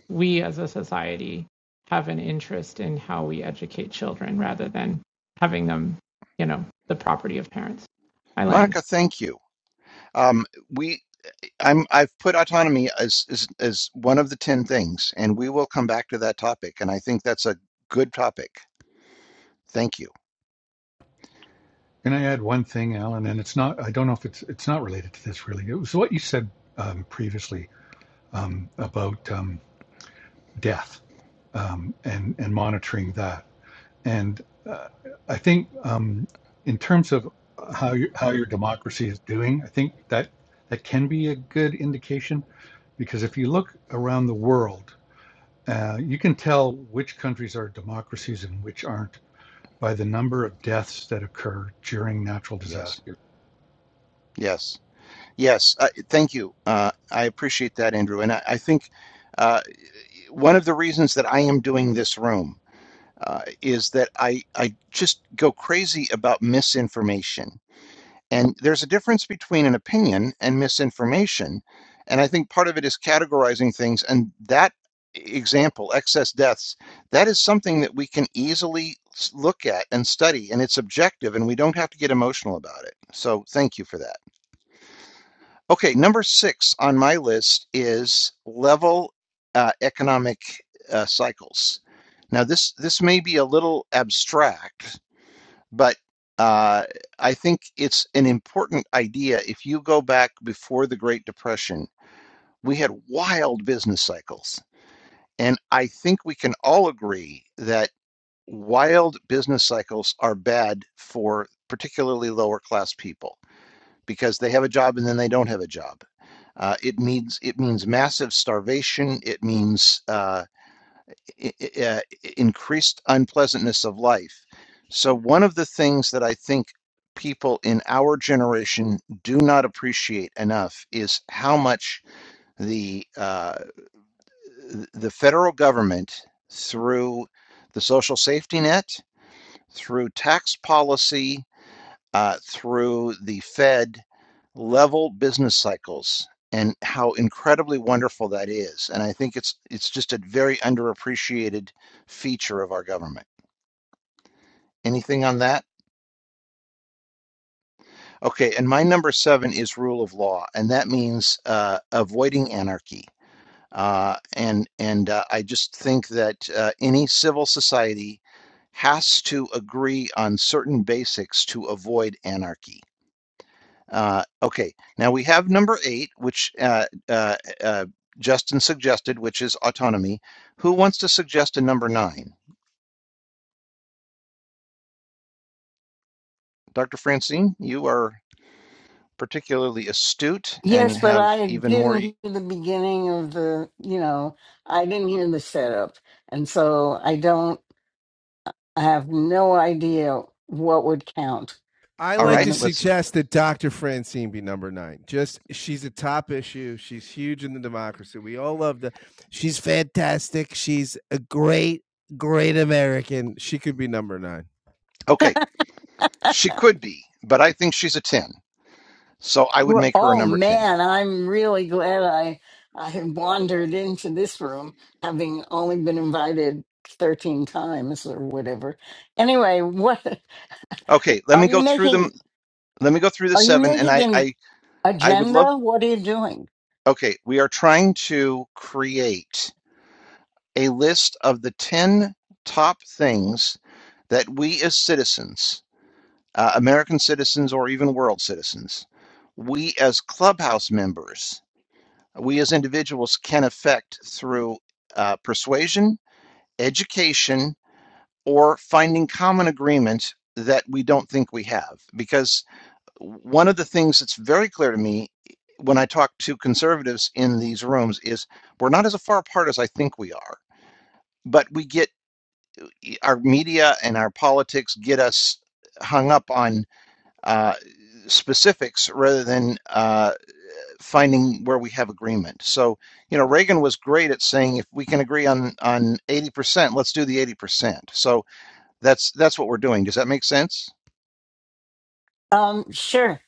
I: we as a society have an interest in how we educate children rather than having them, you know, the property of parents. I land.
A: Monica, thank you. Um, we I'm I've put autonomy as as as one of the 10 things and we will come back to that topic and I think that's a good topic. Thank you.
B: Can I add one thing, Alan? And it's not, I don't know if it's, it's not related to this really. It was what you said um, previously um, about um, death um, and and monitoring that. And uh, I think um, in terms of how your, how your democracy is doing, I think that that can be a good indication because if you look around the world, uh, you can tell which countries are democracies and which aren't by the number of deaths that occur during natural
A: Yes.
B: disasters.
A: Yes. Yes. Uh, thank you. Uh, I appreciate that, Andrew. And I, I think uh, one of the reasons that I am doing this room uh, is that I, I just go crazy about misinformation. And there's a difference between an opinion and misinformation. And I think part of it is categorizing things. And that example, excess deaths, that is something that we can easily look at and study, and it's objective, and we don't have to get emotional about it. So thank you for that. Okay, number six on my list is level uh, economic uh, cycles. Now, this this may be a little abstract, but uh, I think it's an important idea. If you go back before the Great Depression, we had wild business cycles. And I think we can all agree that wild business cycles are bad for particularly lower class people because they have a job and then they don't have a job. Uh, it means it means massive starvation. It means uh, uh, increased unpleasantness of life. So, one of the things that I think people in our generation do not appreciate enough is how much the uh, the federal government, through the social safety net, through tax policy, uh, through the Fed level business cycles and how incredibly wonderful that is. And I think it's it's just a very underappreciated feature of our government. Anything on that? Okay, and my number seven is rule of law, and that means uh, avoiding anarchy. Uh, and and uh, I just think that uh, any civil society has to agree on certain basics to avoid anarchy. Uh, okay, now we have number eight, which uh, uh, uh, Justin suggested, which is autonomy. Who wants to suggest a number nine? Dr. Francine, you are particularly astute and
H: Yes, but
A: have
H: I
A: even more.
H: didn't hear the beginning of the, you know, I didn't hear the setup. And so I don't, I have no idea what would count.
E: I
A: All
H: You
E: like
A: right,
E: to
H: know,
A: let's.
E: suggest that Dr. Francine be number nine. Just she's a top issue. She's huge in the democracy. We all love the. She's fantastic. She's a great, great American. She could be number nine.
A: Okay, she could be, but I think she's a 10. So I would
H: Well,
A: make her a
H: Oh
A: number 10.
H: man, I'm really glad I I have wandered into this room, having only been invited thirteen times or whatever. Anyway, what
A: Okay, let
H: are
A: me
H: you
A: go through
H: making?
A: them let me go through the
H: Are you
A: seven and
H: making
A: I,
H: an
A: I i would love
H: agenda? What are you doing?
A: okay we are trying to create a list of the 10 top things that we as citizens uh, american citizens or even world citizens we as clubhouse members we as individuals can affect through uh, persuasion education or finding common agreement that we don't think we have because. one of the things that's very clear to me when I talk to conservatives in these rooms is we're not as far apart as I think we are, but we get our media and our politics get us hung up on uh, specifics rather than uh, finding where we have agreement. So, you know, Reagan was great at saying if we can agree on on 80%, let's do the 80%. So that's that's what we're doing. Does that make sense?
H: Um, sure,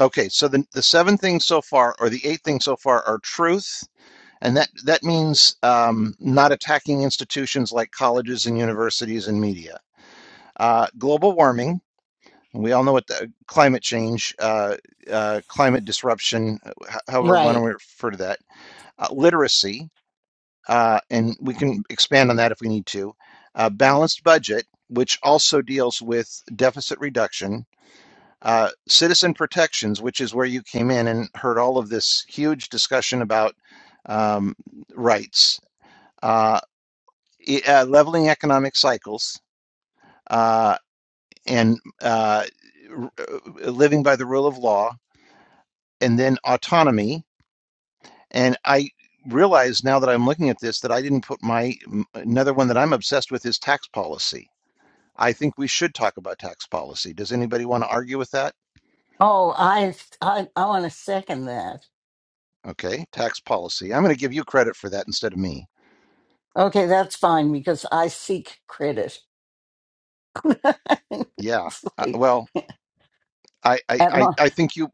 A: Okay, so the, the seven things so far, or the eight things so far, are truth, And that, that means um, not attacking institutions like colleges and universities and media. Uh, global warming, we all know what the climate change, uh, uh, climate disruption, uh, h- however one we
H: right.
A: refer to that, uh, literacy, uh, and we can expand on that if we need to, uh, balanced budget, which also deals with deficit reduction, uh, citizen protections, which is where you came in and heard all of this huge discussion about um, rights Uh, e- uh, leveling economic cycles uh, and uh, r- uh, living by the rule of law, and then autonomy. And I realize now that I'm looking at this that I didn't put my m- another one that I'm obsessed with is tax policy. I think we should talk about tax policy. Does anybody want to argue with that?
H: Oh, I I I want to second that.
A: Okay, tax policy. I'm going to give you credit for that instead of me.
H: Okay, that's fine because I seek credit.
A: Yeah.
H: it's
A: Uh,
H: like
A: well, I, I,
H: at
A: I
H: my
A: I think you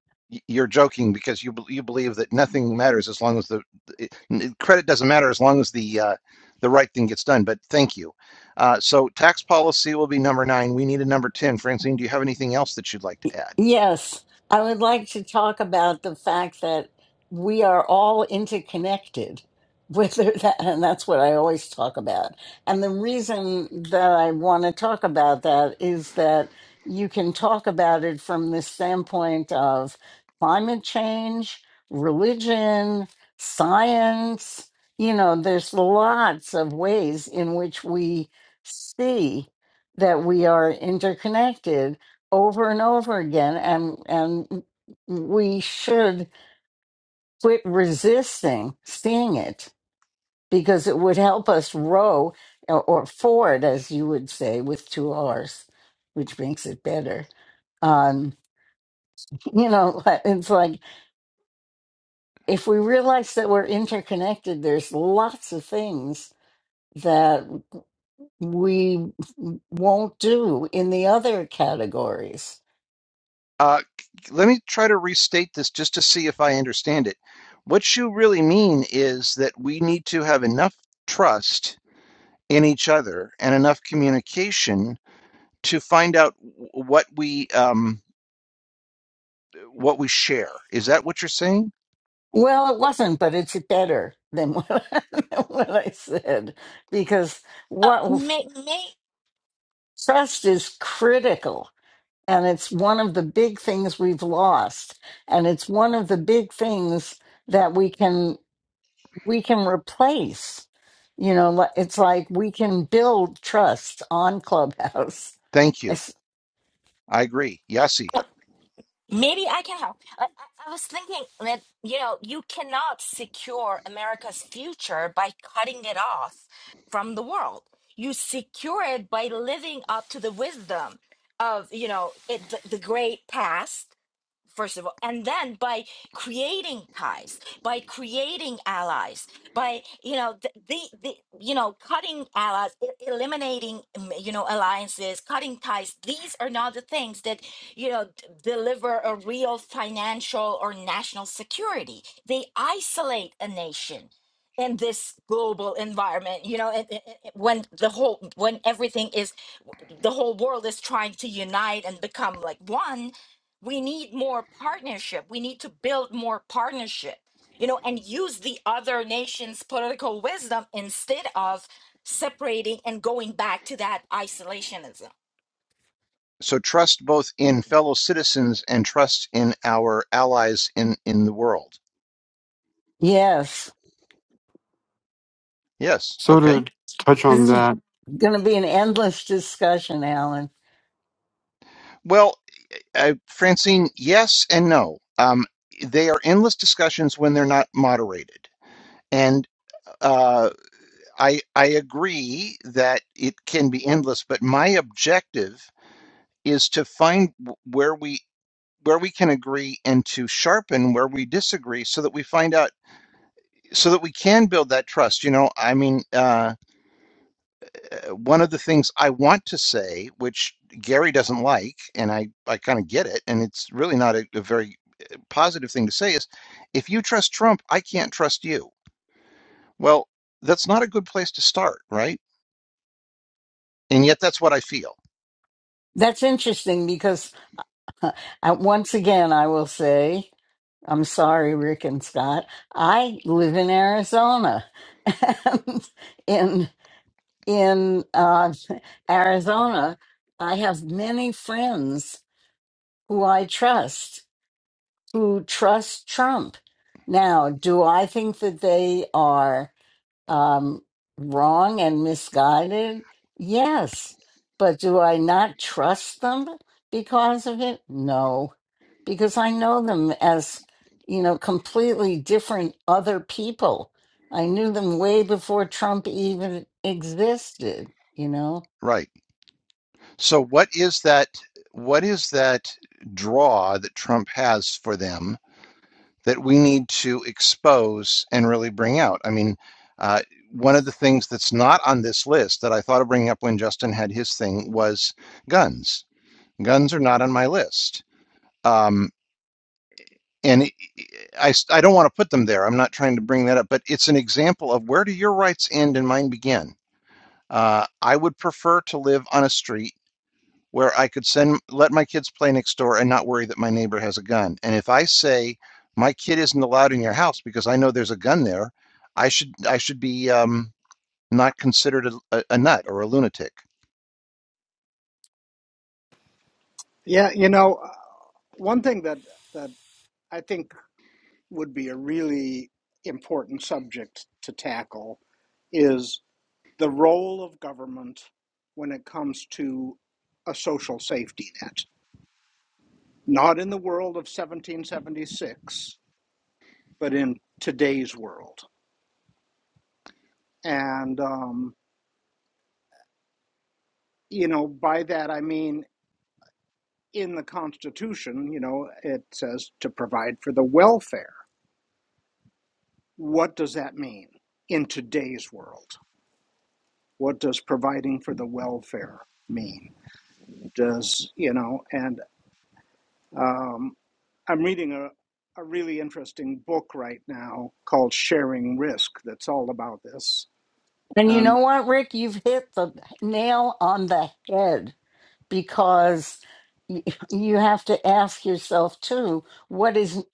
A: you're joking because you bel- you believe that nothing matters as long as the it, it- credit doesn't matter as long as the uh, the right thing gets done. But thank you. Uh, so tax policy will be number nine. We need a number ten. Francine, do you have anything else that you'd like to add?
H: Yes, I would like to talk about the fact that we are all interconnected, whether that, and that's what I always talk about. And the reason that I want to talk about that is that you can talk about it from the standpoint of climate change, religion, science. You know, there's lots of ways in which we see that we are interconnected over and over again and and we should quit resisting seeing it because it would help us row or, or forward as you would say with two r's which makes it better um you know it's like if we realize that we're interconnected there's lots of things that we won't do in the other categories
A: Uh, c- let me try to restate this just to see if I understand it. What you really mean is that we need to have enough trust in each other and enough communication to find out w- what we um, what we share. Is that what you're saying?
H: Well, it wasn't, but it's better than what, I, than what I said because
D: uh,
H: what
D: May, May
H: trust is critical and it's one of the big things we've lost and it's one of the big things that we can we can replace. You know, li- it's like we can build trust on Clubhouse.
A: Thank you.
H: It's-
A: I agree. Yasi.
D: Maybe I can help. I, I I was thinking that, you know, you cannot secure America's future by cutting it off from the world. You secure it by living up to the wisdom of, you know, it, the, the great past first of all and then by creating ties by creating allies by you know the, the, the you know cutting allies e- eliminating mm, you know alliances cutting ties these are not the things that you know d- deliver a real financial or national security they isolate a nation in this global environment you know and- and- and when the whole when everything is the whole world is trying to unite and become like one we need more partnership we need to build more partnership you know and use the other nations political wisdom instead of separating and going back to that isolationism
A: So trust both in fellow citizens and trust in our allies in, in the world.
H: Yes.
A: Yes.
G: So
A: Okay.
G: to touch on
H: This is
G: that,
H: going to be an endless discussion, Alan.
A: Well, uh, Francine, yes and no. Um, they are endless discussions when they're not moderated. And uh, I, I agree that it can be endless, but my objective is to find where we where we can agree and to sharpen where we disagree so that we find out so that we can build that trust. You know, I mean, uh, uh, one of the things I want to say, which Gary doesn't like, and I, I kind of get it, and it's really not a, a very positive thing to say, is if you trust Trump, I can't trust you. Well, that's not a good place to start, right? And yet that's what I feel,
H: That's interesting because Uh, I- once again, I will say, I'm sorry, Rick and Scott. I live in Arizona, and in in uh, Arizona, I have many friends who I trust who trust Trump. Now, do I think that they are? um, wrong and misguided? Yes. But do I not trust them because of it? No, because I know them as, you know, completely different other people. I knew them way before Trump even existed, you know?
A: right? So what is that? What is that draw that Trump has for them? that we need to expose and really bring out. I mean, uh, one of the things that's not on this list that I thought of bringing up when Justin had his thing was guns. Guns are not on my list. Um, and I I s- I don't want to put them there. I'm not trying to bring that up, but it's an example of where do your rights end and mine begin? Uh, I would prefer to live on a street where I could send, let my kids play next door and not worry that my neighbor has a gun. And if I say my kid isn't allowed in your house because I know there's a gun there, I should I should be um, not considered a, a, nut or a lunatic.
F: Yeah, you know, uh, one thing that that I think would be a really important subject to tackle is the role of government when it comes to a social safety net. Not in the world of 1776, but in today's world. And, um, you know, by that I mean in the Constitution, you know, it says to provide for the welfare. What does that mean in today's world? What does providing for the welfare mean? does you know and um, i'm reading a, a really interesting book right now called sharing risk that's all about this
H: And you
F: and
H: know what, Rick? You've hit the nail on the head because y- you have to ask yourself too what is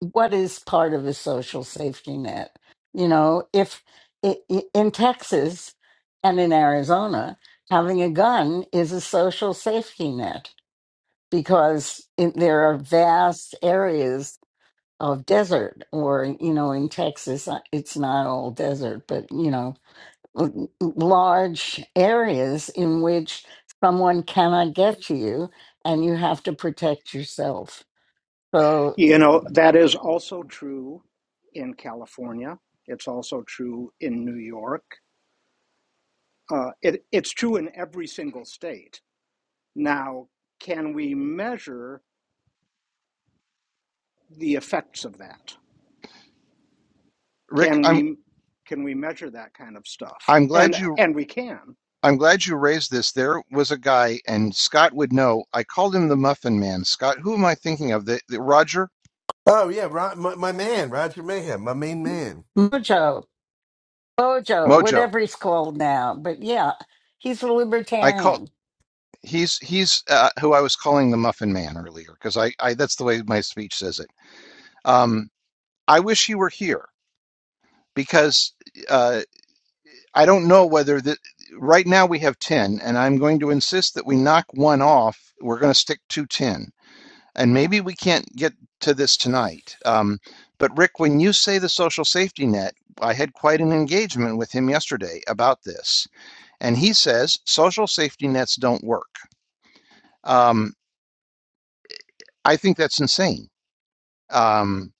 H: what is part of a social safety net you know if i- i- in texas and in arizona having a gun is a social safety net because in, there are vast areas of desert or you know in texas uh, it's not all desert but you know l- large areas in which someone cannot get to you and you have to protect yourself. So,
F: you know that is also true in california it's also true in new york uh, it, it's true in every single state now can we measure the effects of that
A: Rick,
F: can
A: I'm
F: we can we measure that kind of stuff
A: I'm
F: and
A: glad you
F: and we can
A: I'm glad you raised this. There was a guy, and Scott would know. I called him the Muffin Man. Scott, who am I thinking of? The, the Roger
E: Oh yeah, Ro- my, my man, Roger Mayhem, my main man.
H: Mojo, Bojo,
A: Mojo.
H: whatever he's called now, but yeah, he's a
A: I call
H: libertarian.
A: he's he's uh, who I was calling the Muffin Man earlier because I, I that's the way my speech says it. Um, I wish you were here because uh, I don't know whether the, right now we have 10, and I'm going to insist that we knock one off. We're going to stick to 10. And maybe we can't get to this tonight. Um, but Rick, when you say the social safety net, I had quite an engagement with him yesterday about this. And he says social safety nets don't work. Um, I think that's insane. Um,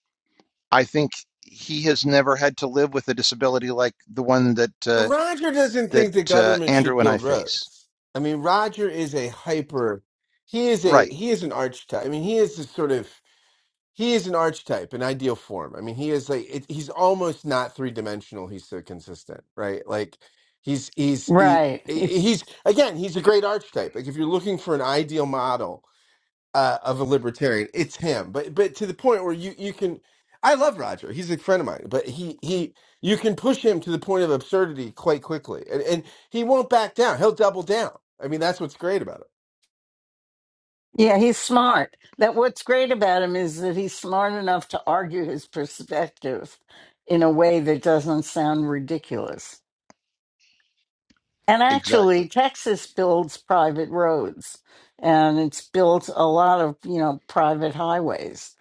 A: I think he has never had to live with a disability like the one that. Uh,
E: Roger doesn't
A: that
E: think the
A: uh,
E: government should
A: Andrew and I
E: build
A: face.
E: roads. I mean, Roger is a hyper. He is a
A: Right,
E: he is an archetype. I mean, he is a sort of he is an archetype, an ideal form. I mean, he is like it, he's almost not three dimensional. He's so consistent, right? Like he's he's he.
H: Right.
E: He's again. He's a great archetype. Like if you're looking for an ideal model, uh, of a libertarian. It's him, but but to the point where you you can. I love Roger. He's a friend of mine, but he he you can push him to the point of absurdity quite quickly, and and he won't back down. He'll double down. I mean, that's what's great about him.
H: Yeah, he's smart. That what's great about him is that he's smart enough to argue his perspective in a way that doesn't sound ridiculous. And
A: exactly.
H: actually, Texas builds private roads and it's built a lot of, you know, private highways.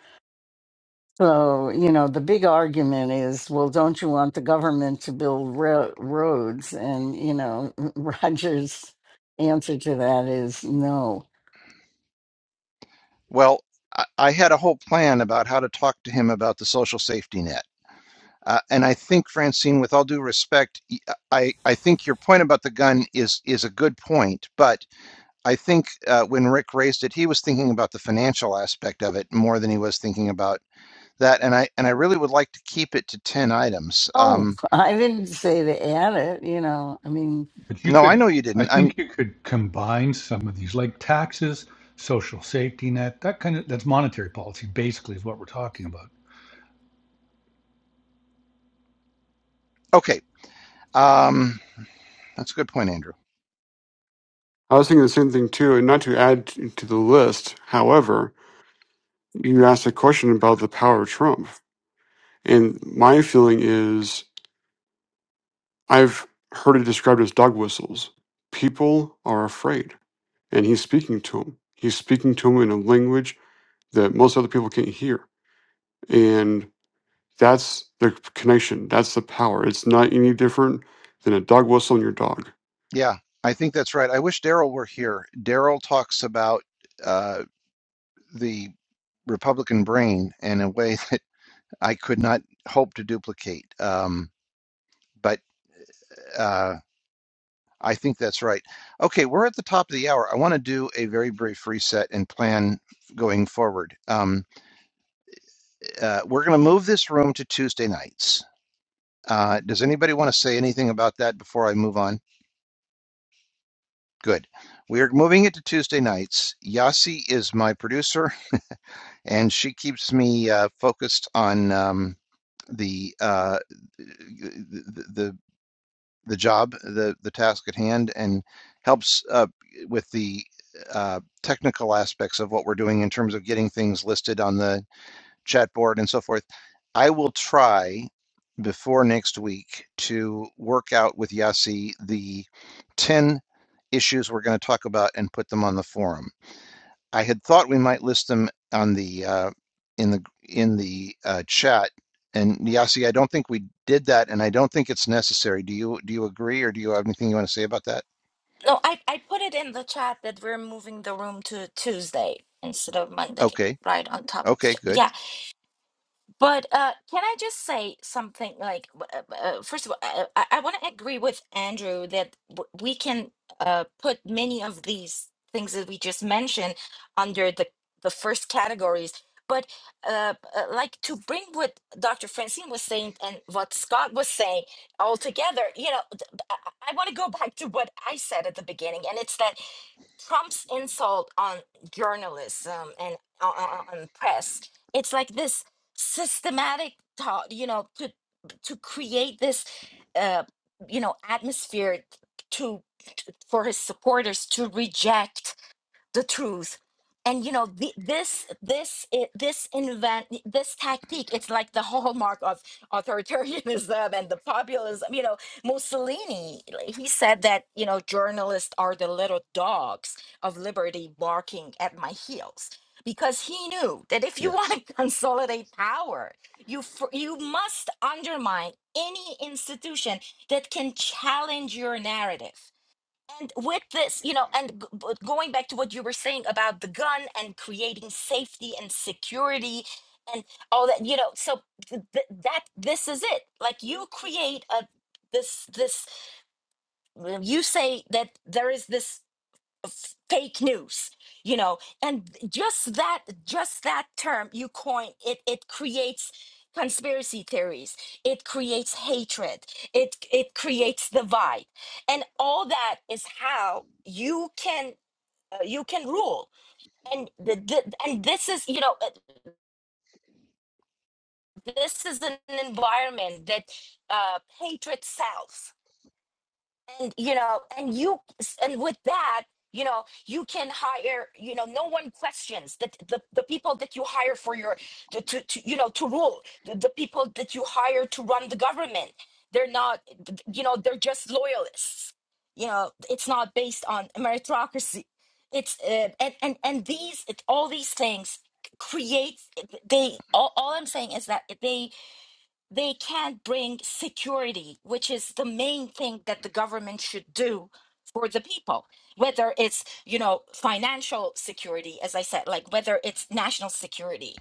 H: So, you know, the big argument is, well, don't you want the government to build ro- roads? And, you know, Roger's answer to that is no.
A: Well, I, I had a whole plan about how to talk to him about the social safety net. Uh, and I think Francine, with all due respect, I I think your point about the gun is is a good point. But I think uh, when Rick raised it, he was thinking about the financial aspect of it more than he was thinking about that. And I and I really would like to keep it to ten items.
H: Oh,
A: Um,
H: I didn't say to add it, you know, I mean,
B: But you
A: no, I
B: could,
A: know you
B: I
A: didn't. I'm
B: think you could combine some of these, like taxes, social safety net, that kind of, that's monetary policy basically is what we're talking about.
A: okay. Um, that's a good point, Andrew.
G: I was thinking the same thing too, and not to add t- to the list. However, you asked a question about the power of Trump, and my feeling is I've heard it described as dog whistles. People are afraid, and he's speaking to them. He's speaking to them in a language that most other people can't hear, and that's the connection. That's the power. It's not any different than a dog whistle and your dog.
A: Yeah, I think that's right. I wish Daryl were here. Daryl talks about uh, the Republican brain in a way that I could not hope to duplicate. Um, but uh, I think that's right. Okay, we're at the top of the hour. I want to do a very brief reset and plan going forward. Um, uh, we're going to move this room to Tuesday nights. Uh, does anybody want to say anything about that before I move on? Good. We are moving it to Tuesday nights. Yasi is my producer and she keeps me uh, focused on um, the, uh, the the the job, the the task at hand, and helps uh, with the uh, technical aspects of what we're doing in terms of getting things listed on the chat board and so forth. I will try before next week to work out with Yasi the ten issues we're going to talk about and put them on the forum I had thought we might list them on the uh, in the in the uh, chat. And Yasi, I don't think we did that, and I don't think it's necessary. Do you do you agree, or do you have anything you want to say about that?
D: no i, I put it in the chat that we're moving the room to tuesday instead of monday
A: Okay,
D: right on top of the
A: okay,
D: chat
A: good.
D: Yeah. But uh, can I just say something? Like, w- uh, uh, first of all, I, I, I want to agree with Andrew that w- we can uh, put many of these things that we just mentioned under the the first categories. But uh, uh, like to bring what Dr. Francine was saying and what Scott was saying all together, you know, th- I want to go back to what I said at the beginning, and it's that Trump's insult on journalism and on, on on press. It's like this systematic thought, you know, to to create this, uh, you know, atmosphere to, to for his supporters to reject the truth and you know the, this this i- this invent this tactic it's like the hallmark of authoritarianism and the populism you know mussolini like, he said that you know journalists are the little dogs of liberty barking at my heels because he knew that if you want
A: Yes,
D: to consolidate power you fir- you must undermine any institution that can challenge your narrative and with this you know and g- b- going back to what you were saying about the gun and creating safety and security and all that you know so th- th- that this is it like you create a this this well, you say that there is this f- fake news you know and just that just that term you coin it it creates conspiracy theories it creates hatred it it creates divide and all that is how you can uh, you can rule and the, the, and this is you know uh, this is an environment that uh hatred sells and you know and you and with that you know you can hire you know no one questions that the, the people that you hire for your to, to, to you know to rule the, the people that you hire to run the government they're not you know they're just loyalists you know it's not based on meritocracy it's uh, and, and and these it, all these things create they all, all i'm saying is that they they can't bring security, which is the main thing that the government should do for the people, whether it's, you know, financial security, as I said, like whether it's national security.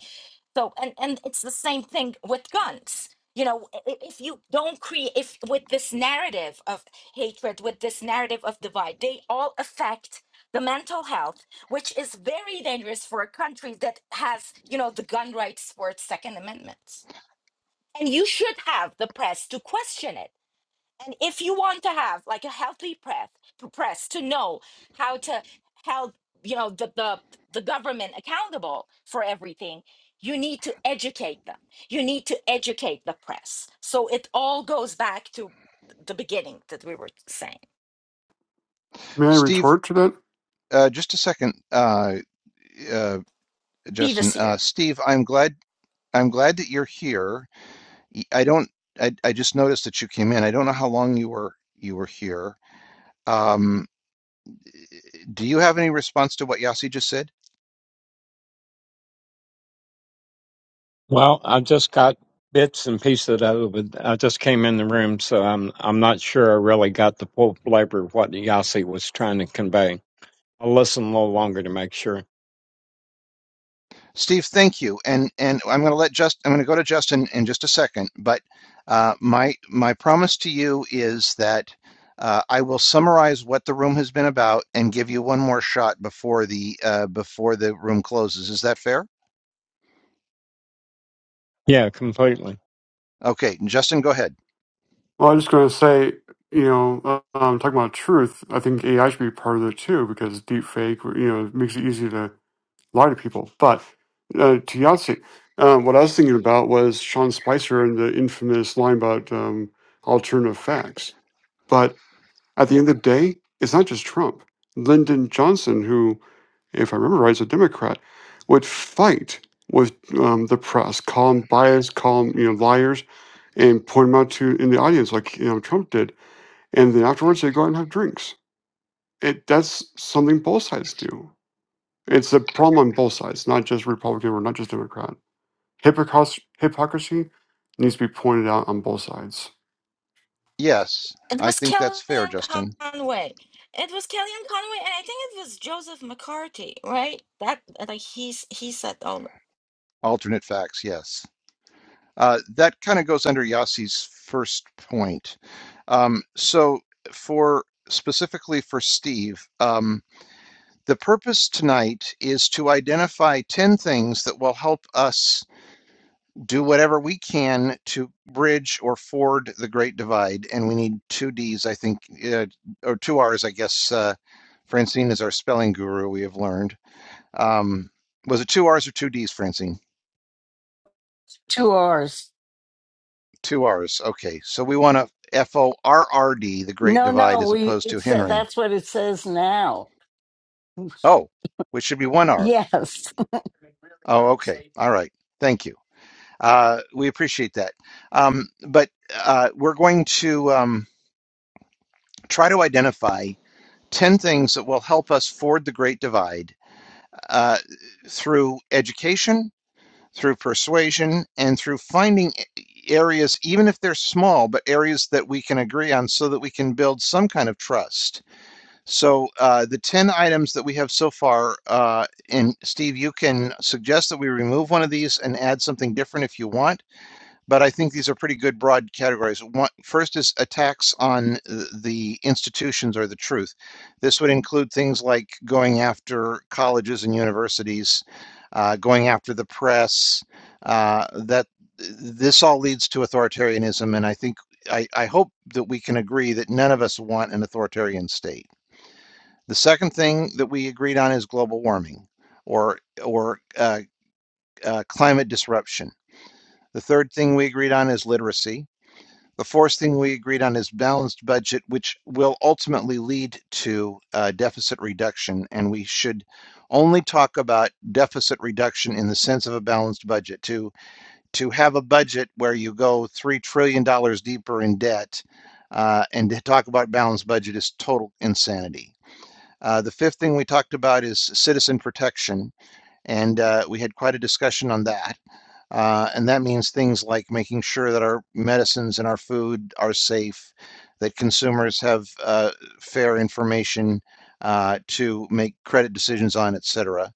D: So, and, and it's the same thing with guns. You know, i- i- if you don't create, if with this narrative of hatred, with this narrative of divide, they all affect the mental health, which is very dangerous for a country that has, you know, the gun rights for its Second Amendment. And you should have the press to question it. And if you want to have like a healthy press, press to know how to held, you know, the, the the government accountable for everything, you need to educate them. You need to educate the press. So it all goes back to the beginning that we were saying.
G: May I
A: Steve.
G: retort to that?
A: Uh, just a second, uh, uh,
D: Beavis
A: Justin. Uh,
D: here.
A: Steve, I'm glad I'm glad that you're here. Y- I don't. I, I just noticed that you came in. I don't know how long you were you were here. Um. Do you have any response to what Yossi just said?
J: Well, I just got bits and pieces of it. I just came in the room, so I'm I'm not sure I really got the full flavor of what Yasi was trying to convey. I'll listen a little longer to make sure.
A: Steve, thank you. And and I'm going to let just I'm going to go to Justin in just a second. But uh, my my promise to you is that uh, I will summarize what the room has been about and give you one more shot before the uh, before the room closes. Is that fair?
J: Yeah, completely.
A: Okay, Justin, go ahead.
G: Well, I'm just going to say, you know, uh, um, talking about truth, I think AI should be part of it too because deep fake, you know, makes it easy to lie to people. But uh, to Yahtzee, um, what I was thinking about was Sean Spicer and the infamous line about um, alternative facts. But at the end of the day, it's not just Trump. Lyndon Johnson, who, if I remember right, is a Democrat, would fight with um, the press, call them biased, call them, you know, liars, and point them out to in the audience like you know Trump did and then afterwards they go out and have drinks. It that's something both sides do. It's a problem on both sides, not just Republican or not just Democrat. Hypocrisy, hypocrisy needs to be pointed out on both sides.
A: Yes,
D: It
A: I
D: was
A: think that's fair,
D: Kellyanne
A: Justin.
D: Conway. It was Kellyanne Conway, and I think it was Joseph McCarthy, right? That like he's he said, "Oh
A: Alternate facts, yes. Uh, that kind of goes under Yossi's first point. Um, so, for specifically for Steve, um, the purpose tonight is to identify 10 things that will help us do whatever we can to bridge or ford the Great Divide. And we need two D's, I think, uh, or two R's, I guess. Uh, Francine is our spelling guru, we have learned. Um, was it two R's or two D's, Francine?
H: two R's.
A: Two R's. Okay. So we want to F O R R D, the Great
H: No,
A: Divide,
H: no,
A: as
H: we,
A: opposed to
H: it's,
A: Henry.
H: that's what it says now.
A: Oh, which should be one R.
H: Yes.
A: Oh, okay. All right. Thank you. Uh, we appreciate that. Um, but uh, we're going to um, try to identify 10 things that will help us ford the Great Divide uh, through education through persuasion and through finding areas, even if they're small, but areas that we can agree on so that we can build some kind of trust. So uh, the 10 items that we have so far, uh, and Steve, you can suggest that we remove one of these and add something different if you want but I think these are pretty good broad categories. One, first is attacks on the institutions or the truth. This would include things like going after colleges and universities, uh, going after the press. Uh, that this all leads to authoritarianism, and I think I, I hope that we can agree that none of us want an authoritarian state. The second thing that we agreed on is global warming, or or uh, uh, climate disruption. The third thing we agreed on is literacy. The fourth thing we agreed on is balanced budget, which will ultimately lead to uh, deficit reduction. And we should only talk about deficit reduction in the sense of a balanced budget. To to have a budget where you go three trillion dollars deeper in debt, uh, and to talk about balanced budget is total insanity. Uh, the fifth thing we talked about is citizen protection and uh, we had quite a discussion on that. Uh, and that means things like making sure that our medicines and our food are safe, that consumers have uh, fair information uh, to make credit decisions on, et cetera.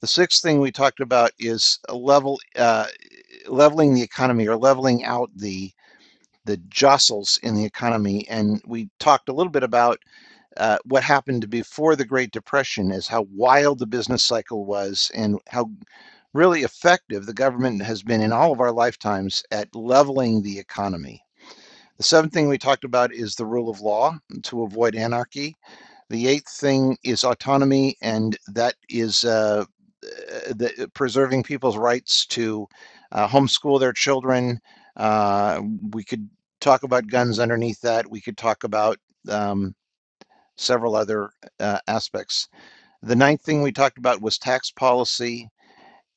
A: The sixth thing we talked about is a level uh, leveling the economy or leveling out the the jostles in the economy. And we talked a little bit about uh, what happened before the Great Depression is how wild the business cycle was and how really effective the government has been in all of our lifetimes at leveling the economy. The seventh thing we talked about is the rule of law to avoid anarchy. The eighth thing is autonomy, and that is uh, uh, the, uh, preserving people's rights to uh, homeschool their children. Uh, we could talk about guns underneath that. We could talk about um, several other uh, aspects. The ninth thing we talked about was tax policy.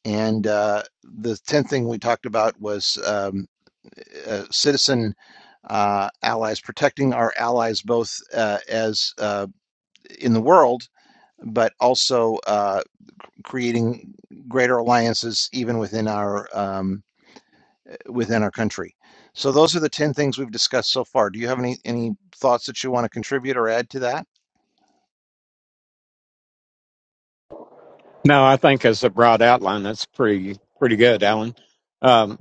A: And uh, the tenth thing we talked about was um, uh, citizen uh, allies, protecting our allies both uh, as uh, in the world, but also uh, creating greater alliances even within our um, within our country. So those are the ten things we've discussed so far. Do you have any any thoughts that you want to contribute or add to that?
J: No, I think as a broad outline, that's pretty pretty good, Alan. Um,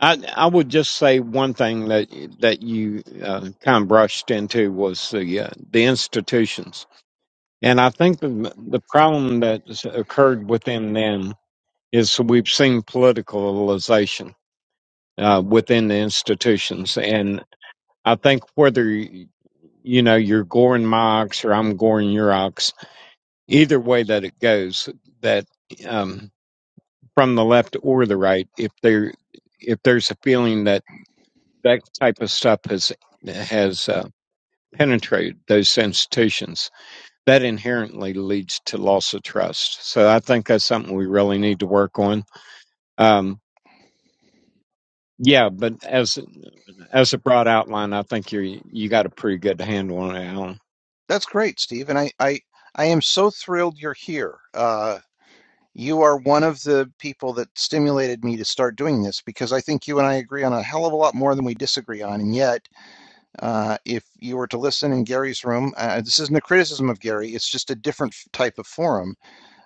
J: I I would just say one thing that that you uh, kind of brushed into was the uh, the institutions, and I think the the problem that occurred within them is we've seen politicalization uh, within the institutions, and I think whether you know you're goring my ox or I'm goring your ox, either way that it goes, that um, from the left or the right, if there if there's a feeling that that type of stuff has has uh, penetrated those institutions, that inherently leads to loss of trust. So I think that's something we really need to work on. Um, Yeah, but as as a broad outline, I think you're you got a pretty good handle on it, Alan.
A: That's great, Steve. And I, I, I am so thrilled you're here. Uh, you are one of the people that stimulated me to start doing this because I think you and I agree on a hell of a lot more than we disagree on. And yet, Uh, if you were to listen in Gary's room, uh, this isn't a criticism of Gary, it's just a different type of forum.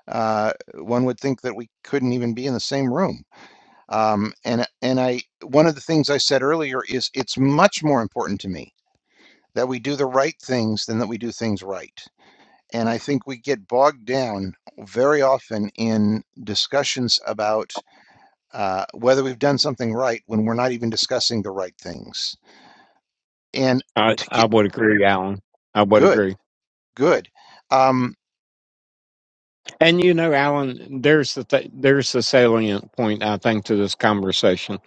A: Uh, one would think that we couldn't even be in the same room. Um, and and I one of the things I said earlier is it's much more important to me that we do the right things than that we do things right. And I think we get bogged down very often in discussions about uh, whether we've done something right when we're not even discussing the right things. And
J: I
A: to
J: I
A: get
J: would agree, Alan. I would
A: good,
J: agree.
A: good. Um,
J: And you know, Alan, there's the th- there's the salient point I think to this conversation.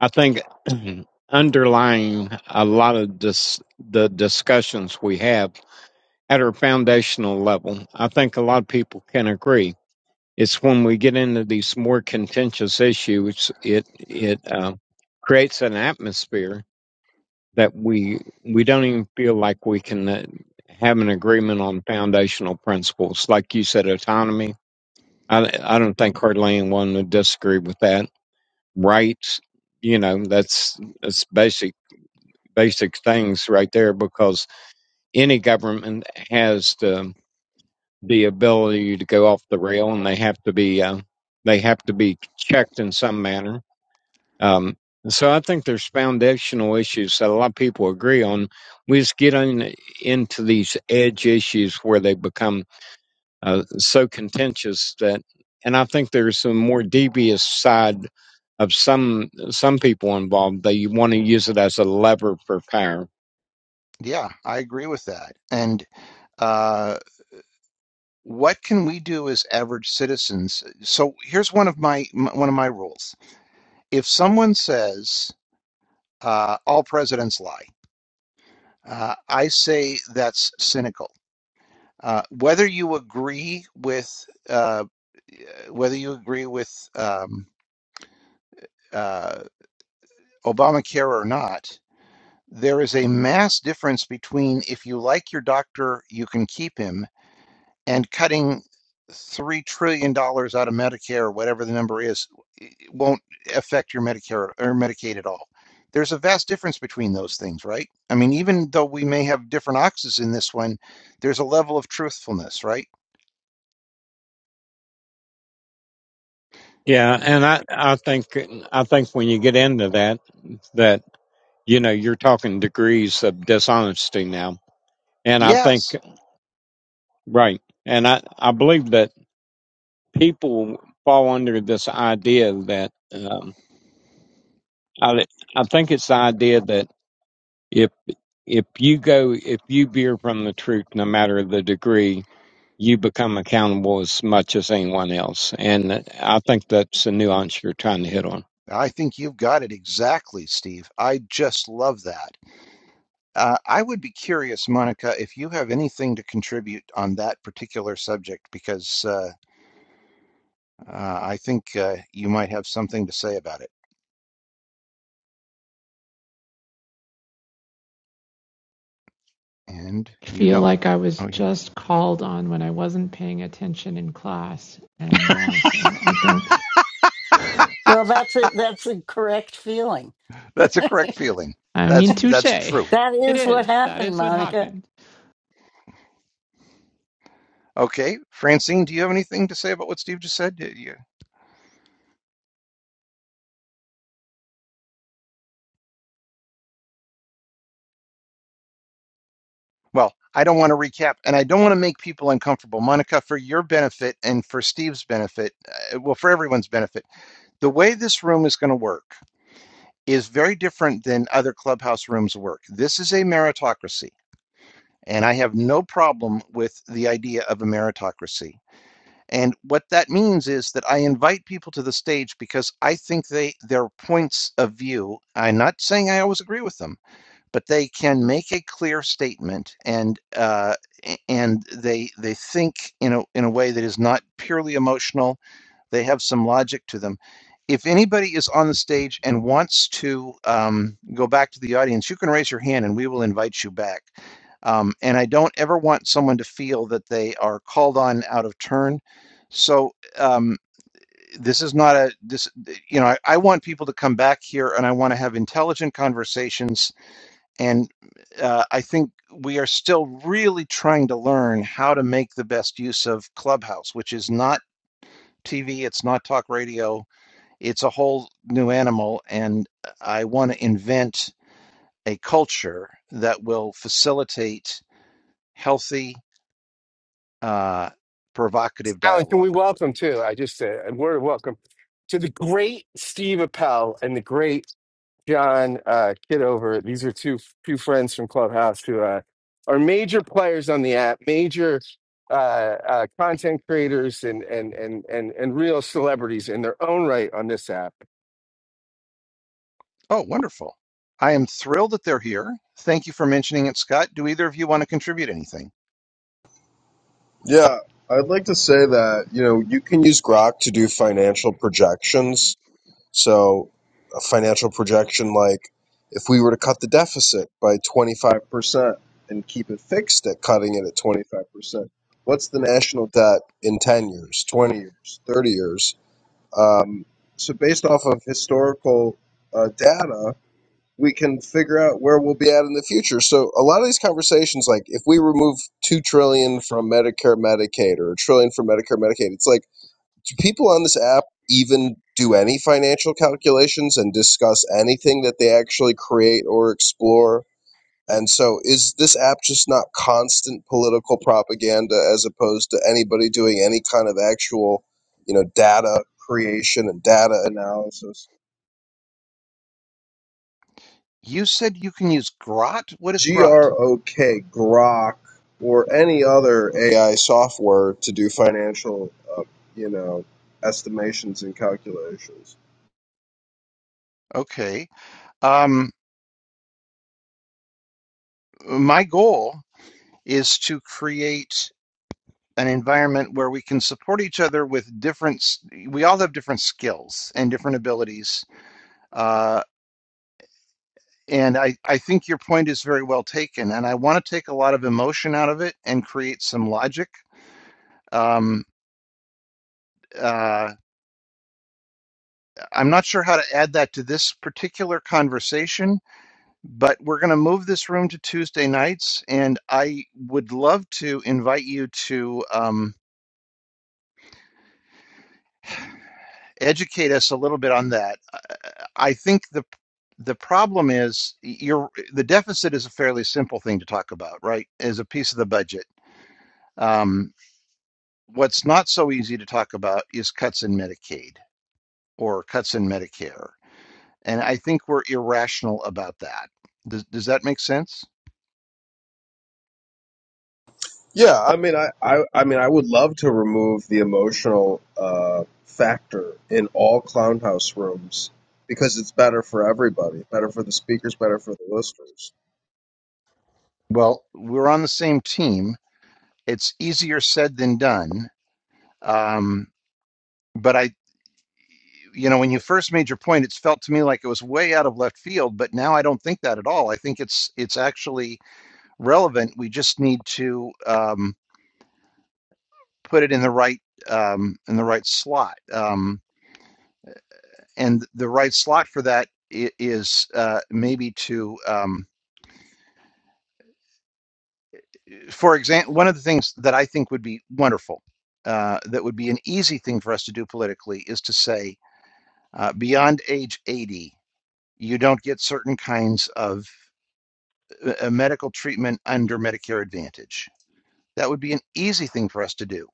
J: I think underlying a lot of this, the discussions we have at our foundational level, I think a lot of people can agree. It's when we get into these more contentious issues, it it uh, creates an atmosphere that we we don't even feel like we can uh, have an agreement on foundational principles. Like you said, autonomy. I I don't think hardly anyone would disagree with that. Rights, you know, that's that's basic basic things right there because any government has the the ability to go off the rail and they have to be uh, they have to be checked in some manner Um, so I think there's foundational issues that a lot of people agree on. We just get on into these edge issues where they become uh, so contentious that, and I think there's a more devious side of some some people involved. They want to use it as a lever for power.
A: Yeah, I agree with that. And uh, what can we do as average citizens? So here's one of my m- one of my rules. If someone says uh, all presidents lie, uh, I say that's cynical. Uh, whether you agree with uh, whether you agree with um, uh, Obamacare or not, there is a mass difference between if you like your doctor, you can keep him, and cutting three trillion dollars out of Medicare, whatever the number is, won't affect your Medicare or Medicaid at all. There's a vast difference between those things, right? I mean, even though we may have different oxes in this one, there's a level of truthfulness, right?
J: Yeah, and I I think I think when you get into that that you know you're talking degrees of dishonesty now, and I think
A: Yes,
J: right, and I I believe that. people fall under this idea that um, I I think it's the idea that if if you go if you veer from the truth, no matter the degree, you become accountable as much as anyone else. And I think that's the nuance you're trying to hit on.
A: I think you've got it exactly, Steve. I just love that. Uh, I would be curious, Monica, if you have anything to contribute on that particular subject, because uh, uh, I think uh, you might have something to say about it. and
I: I
A: you
I: feel
A: don't.
I: like I was
A: Oh, you.
I: just called on when I wasn't paying attention in class. And uh, so I don't, I
H: Well, that's it. That's a correct feeling.
A: That's a correct feeling.
I: mean,
A: That's
I: touche.
A: that's true.
H: That
I: It
H: is what
I: is. That
H: happened,
I: is what
H: Monica.
I: happened.
A: Okay, Francine, do you have anything to say about what Steve just said? Y- you- well, I don't want to recap, and I don't want to make people uncomfortable. Monica, for your benefit and for Steve's benefit, uh, well, for everyone's benefit, the way this room is going to work is very different than other clubhouse rooms work. This is a meritocracy. And I have no problem with the idea of a meritocracy. And what that means is that I invite people to the stage because I think they their points of view. I'm not saying I always agree with them, but they can make a clear statement, and uh, and they they think in a in a way that is not purely emotional they have some logic to them. If anybody is on the stage and wants to um, go back to the audience, you can raise your hand and we will invite you back. Um, and I don't ever want someone to feel that they are called on out of turn. So um, this is not a this you know I, I want people to come back here and I want to have intelligent conversations and uh, I think we are still really trying to learn how to make the best use of Clubhouse, which is not TV, it's not talk radio, it's a whole new animal, and I want to invent a culture that will facilitate healthy, uh, provocative
E: Alan, can we
A: dialogue.
E: welcome too? I just said a word of welcome to the great Steve Appel and the great John uh, Kidover. These are two two friends from Clubhouse who uh, are major players on the app, major uh, uh, content creators, and and and and and real celebrities in their own right on this app.
A: Oh, wonderful. I am thrilled that they're here. Thank you for mentioning it, Scott. Do either of you want to contribute anything?
K: Yeah, I'd like to say that, you know, you can use Grok to do financial projections. So, a financial projection like if we were to cut the deficit by 25% and keep it fixed at cutting it at 25%, what's the national debt in 10 years, 20 years, 30 years? Um, so, based off of historical uh, data, we can figure out where we'll be at in the future. So a lot of these conversations, like if we remove two trillion from Medicare, Medicaid, or a trillion from Medicare, Medicaid, it's like do people on this app even do any financial calculations and discuss anything that they actually create or explore? And so is this app just not constant political propaganda as opposed to anybody doing any kind of actual, you know, data creation and data analysis?
A: You said you can use Grot? What is
K: G
A: Grot?
K: R O K, Grok, or any other AI software to do financial, uh, you know, estimations and calculations.
A: Okay. Um, my goal is to create an environment where we can support each other with different, we all have different skills and different abilities. Uh, and I, I think your point is very well taken. And I want to take a lot of emotion out of it and create some logic. Um, uh, I'm not sure how to add that to this particular conversation, but we're going to move this room to Tuesday nights, and I would love to invite you to um, educate us a little bit on that. I I think the the problem is you're, the deficit is a fairly simple thing to talk about, right? As a piece of the budget. Um, what's not so easy to talk about is cuts in Medicaid or cuts in Medicare, and I think we're irrational about that. Does, does that make sense?
K: Yeah, I mean, I, I, I mean, I would love to remove the emotional uh, factor in all clown house rooms because it's better for everybody, better for the speakers, better for the listeners.
A: Well, We're on the same team It's easier said than done. Um, but I, you know, when you first made your point, it's felt to me like it was way out of left field. But now I don't think that at all. I think it's it's actually relevant. We just need to um, put it in the right um, in the right slot, um, and the right slot for that i- is uh, maybe to, um, for example, one of the things that I think would be wonderful, uh, that would be an easy thing for us to do politically, is to say uh, beyond age 80. you don't get certain kinds of uh, uh, medical treatment under Medicare Advantage. That would be an easy thing for us to do.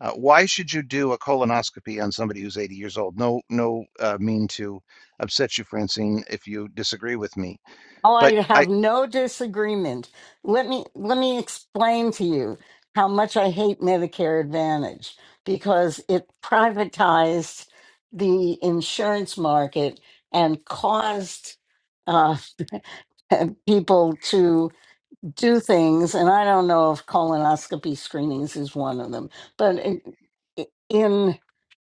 A: Uh, why should you do a colonoscopy on somebody who's 80 years old? No, no, uh, mean to upset you, Francine, if you disagree with me.
H: Oh,
A: But
H: I
A: I,
H: have no disagreement. Let me let me explain to you how much I hate Medicare Advantage because it privatized the insurance market and caused uh, people to do things. And I don't know if colonoscopy screenings is one of them, but in in,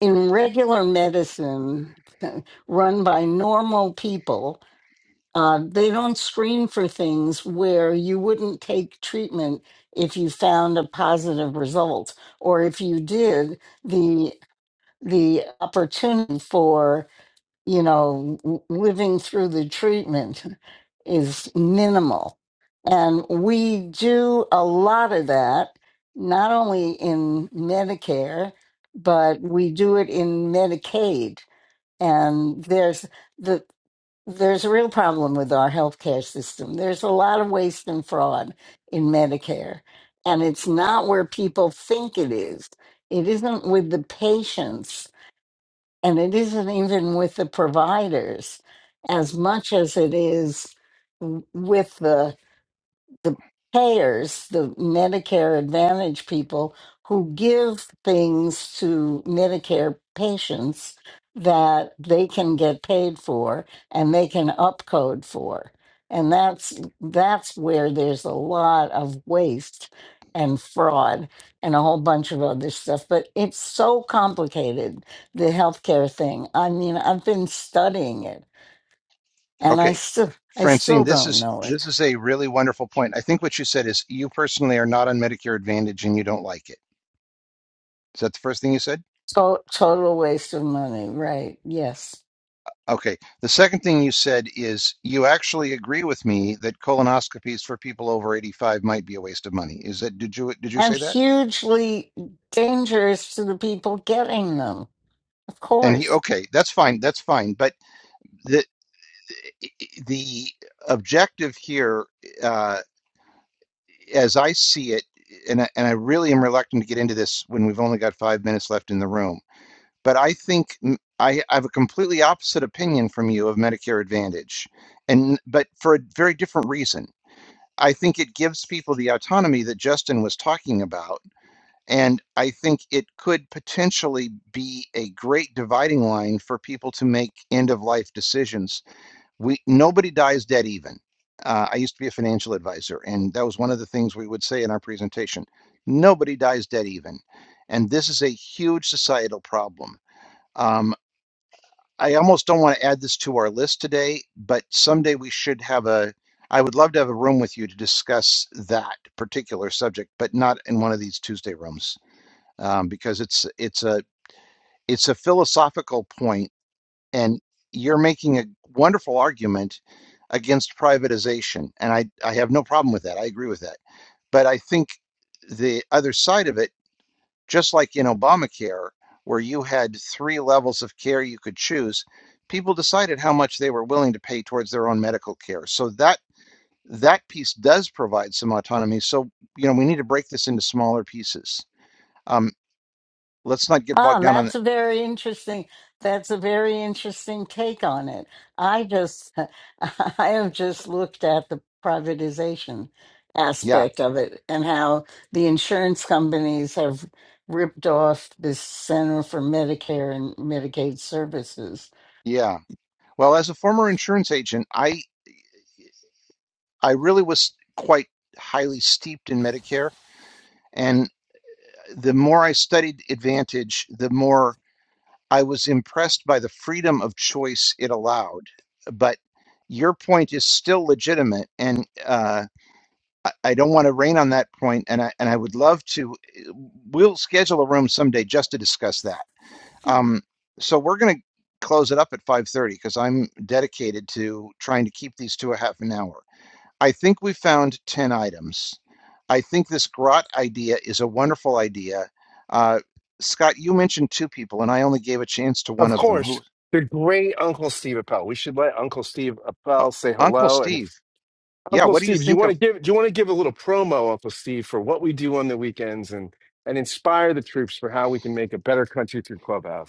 H: in regular medicine run by normal people Uh, they don't screen for things where you wouldn't take treatment if you found a positive result, or if you did, the the opportunity for you know w- living through the treatment is minimal, and we do a lot of that not only in Medicare, but we do it in Medicaid, and there's there's a real problem with our healthcare system. There's a lot of waste and fraud in Medicare, and it's not where people think it is. It isn't with the patients, and it isn't even with the providers as much as it is w- with the the payers, the Medicare Advantage people who give things to Medicare patients that they can get paid for and they can upcode for. And that's that's where there's a lot of waste and fraud and a whole bunch of other stuff. But it's so complicated, the healthcare thing. I mean, I've been studying it and I
A: okay,
H: still I still
A: Francine, this
H: don't
A: is
H: know it.
A: this is a really wonderful point. I think what you said is you personally are not on Medicare Advantage and you don't like it. Is that the first thing you said?
H: To- total waste of money, right? Yes.
A: Okay. The second thing you said is you actually agree with me that colonoscopies for people over 85 might be a waste of money. Is that did you did you
H: And
A: say that?
H: hugely dangerous to the people getting them, of
A: And he
H: course.
A: okay, that's fine, that's fine. But the the objective here, uh, as I see it, and I, and I really am reluctant to get into this when we've only got five minutes left in the room. But I think mm, I, I have a completely opposite opinion from you of Medicare Advantage, and but for a very different reason. I think it gives people the autonomy that Justin was talking about. And I think it could potentially be a great dividing line for people to make end of life decisions. We nobody dies dead even. Uh, I used to be a financial advisor, and that was one of the things we would say in our presentation. Nobody dies dead even, and this is a huge societal problem. Um, I almost don't want to add this to our list today, but someday we should have a, I would love to have a room with you to discuss that particular subject, but not in one of these Tuesday rooms, um, because it's, it's a, it's a philosophical point and you're making a wonderful argument against privatization. And I, I have no problem with that. I agree with that. But I think the other side of it just like in Obamacare, where you had three levels of care you could choose, people decided how much they were willing to pay towards their own medical care. So that that piece does provide some autonomy. So you know we need to break this into smaller pieces. Um, let's not get bogged
H: Ah,
A: down on the,
H: that's a very interesting. That's a very interesting take on it. I just, I have just looked at the privatization
A: yeah,
H: aspect of it and how the insurance companies have ripped off the Center for Medicare and Medicaid Services.
A: yeah. Well, as a former insurance agent, I I really was quite highly steeped in Medicare, and the more I studied Advantage, the more I was impressed by the freedom of choice it allowed, but your point is still legitimate, and uh, I, I don't want to rain on that point, and I and I would love to. eh, We'll schedule a room someday just to discuss that. Um, so we're going to close it up at five thirty because I'm dedicated to trying to keep these to a half an hour. I think we found 10 items. I think this grot idea is a wonderful idea. Uh, Scott, you mentioned two people, and I only gave a chance to
E: Of
A: one of them. Who?
E: course, the great Uncle Steve Appel. We should let Uncle Steve
A: Uh,
E: Appel say
A: Uncle
E: hello. And
A: Steve. Yeah,
E: Uncle
A: what do you
E: Steve, you
A: think
E: want
A: of?
E: to give do you want to give a little promo, Uncle Steve, for what we do on the weekends and and inspire the troops for how we can make a better country through Clubhouse.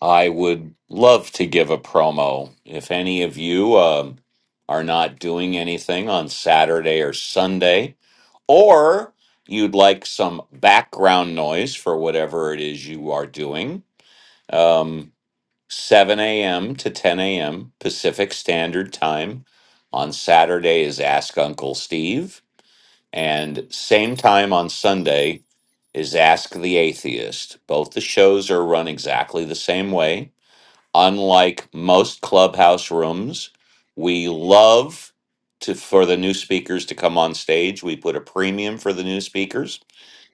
L: I would love to give a promo. If any of you um, are not doing anything on Saturday or Sunday, or you'd like some background noise for whatever it is you are doing, um, 7 a.m. to 10 a.m. Pacific Standard Time on Saturday is Ask Uncle Steve, and same time on Sunday is Ask the Atheist. Both the shows are run exactly the same way unlike most clubhouse rooms we love to for the new speakers to come on stage we put a premium for the new speakers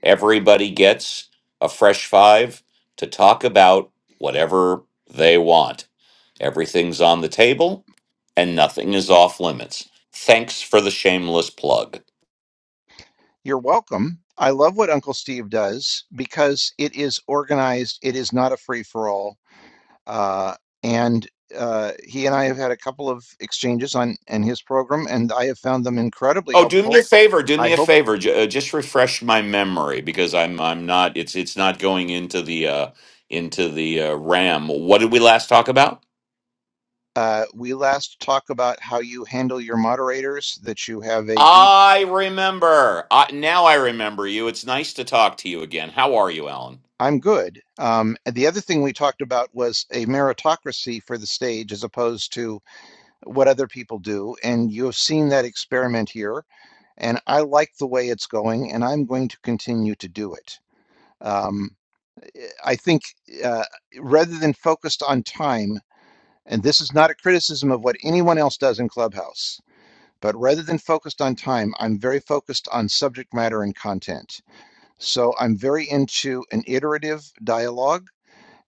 L: everybody gets a fresh five to talk about whatever they want everything's on the table and nothing is off limits thanks for the shameless plug
A: You're welcome. I love what Uncle Steve does because it is organized, it is not a free for all. Uh, and uh, he and I have had a couple of exchanges on and his program, and I have found them incredibly
L: Oh, do me a
A: helpful.
L: favor. Do
A: I
L: me a
A: hope
L: favor. J- uh, just refresh my memory because I'm I'm not. It's it's not going into the uh, into the uh, RAM. What did we last talk about?
A: uh, we last talk about how you handle your moderators, that you have a group.
L: I remember. I, now I remember you. It's nice to talk to you again. How are you, Alan?
A: I'm good. Um, and the other thing we talked about was a meritocracy for the stage as opposed to what other people do. And you have seen that experiment here. And I like the way it's going, and I'm going to continue to do it. Um, eh, I think uh, rather than focused on time, and this is not a criticism of what anyone else does in Clubhouse, but rather than focused on time, I'm very focused on subject matter and content. So I'm very into an iterative dialogue.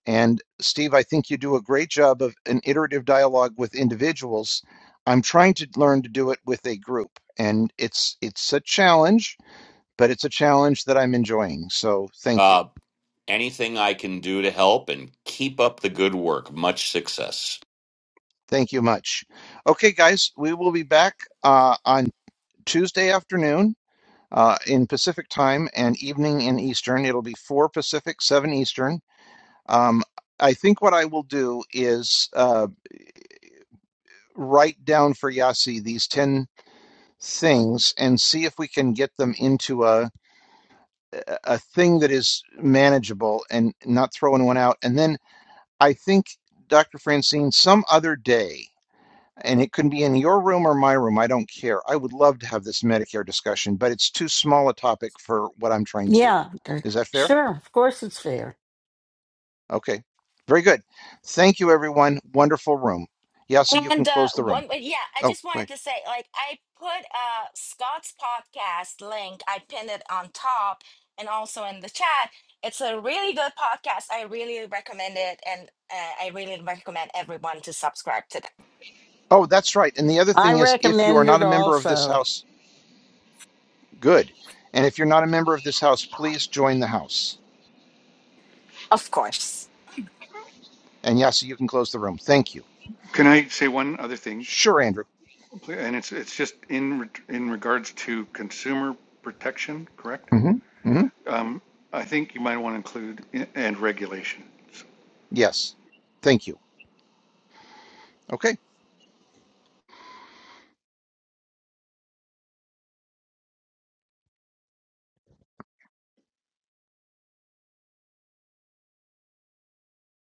A: And Steve, I think you do a great job of an iterative dialogue with individuals. I'm trying to learn to do it with a group, and it's it's a challenge, but it's a challenge that I'm enjoying. So thank you.
L: Uh, anything I can do to help and keep up the good work. Much success.
A: Thank you much. Okay, guys, we will be back uh, on Tuesday afternoon uh, in Pacific time and evening in Eastern. It'll be 4 Pacific, 7 Eastern. Um, I think what I will do is uh, write down for Yasi these 10 things and see if we can get them into a a thing that is manageable and not throwing one out. And then I think, Dr. Francine, some other day and it can be in your room or my room. I don't care. I would love to have this Medicare discussion, but it's too small a topic for what I'm trying to do.
H: Yeah,
A: Is that fair?
H: sure, of course it's fair.
A: Okay. Very good. Thank you, everyone. Wonderful room. Yasi, you can
D: And uh,
A: close the room.
D: one, but yeah, I
A: Oh,
D: just
A: go
D: wanted
A: ahead.
D: to say, like, I put uh Scott's podcast link. I pinned it on top and also in the chat. It's a really good podcast. I really recommend it, and uh, I really recommend everyone to subscribe to that.
A: Oh, that's right. And the other
H: I
A: thing is, if you are
H: recommend
A: not
H: it
A: a member of this
H: also.
A: house, good. And if you're not a member of this house, please join the house.
D: Of course.
A: And Yasi, you can close the room. Thank you.
B: Can I say one other thing?
A: Sure, Andrew.
B: And it's it's just in in regards to consumer protection, correct?
A: Mm-hmm. Mm-hmm.
B: Um, I think you might want to include i- and regulation.
A: Yes. Thank you. Okay.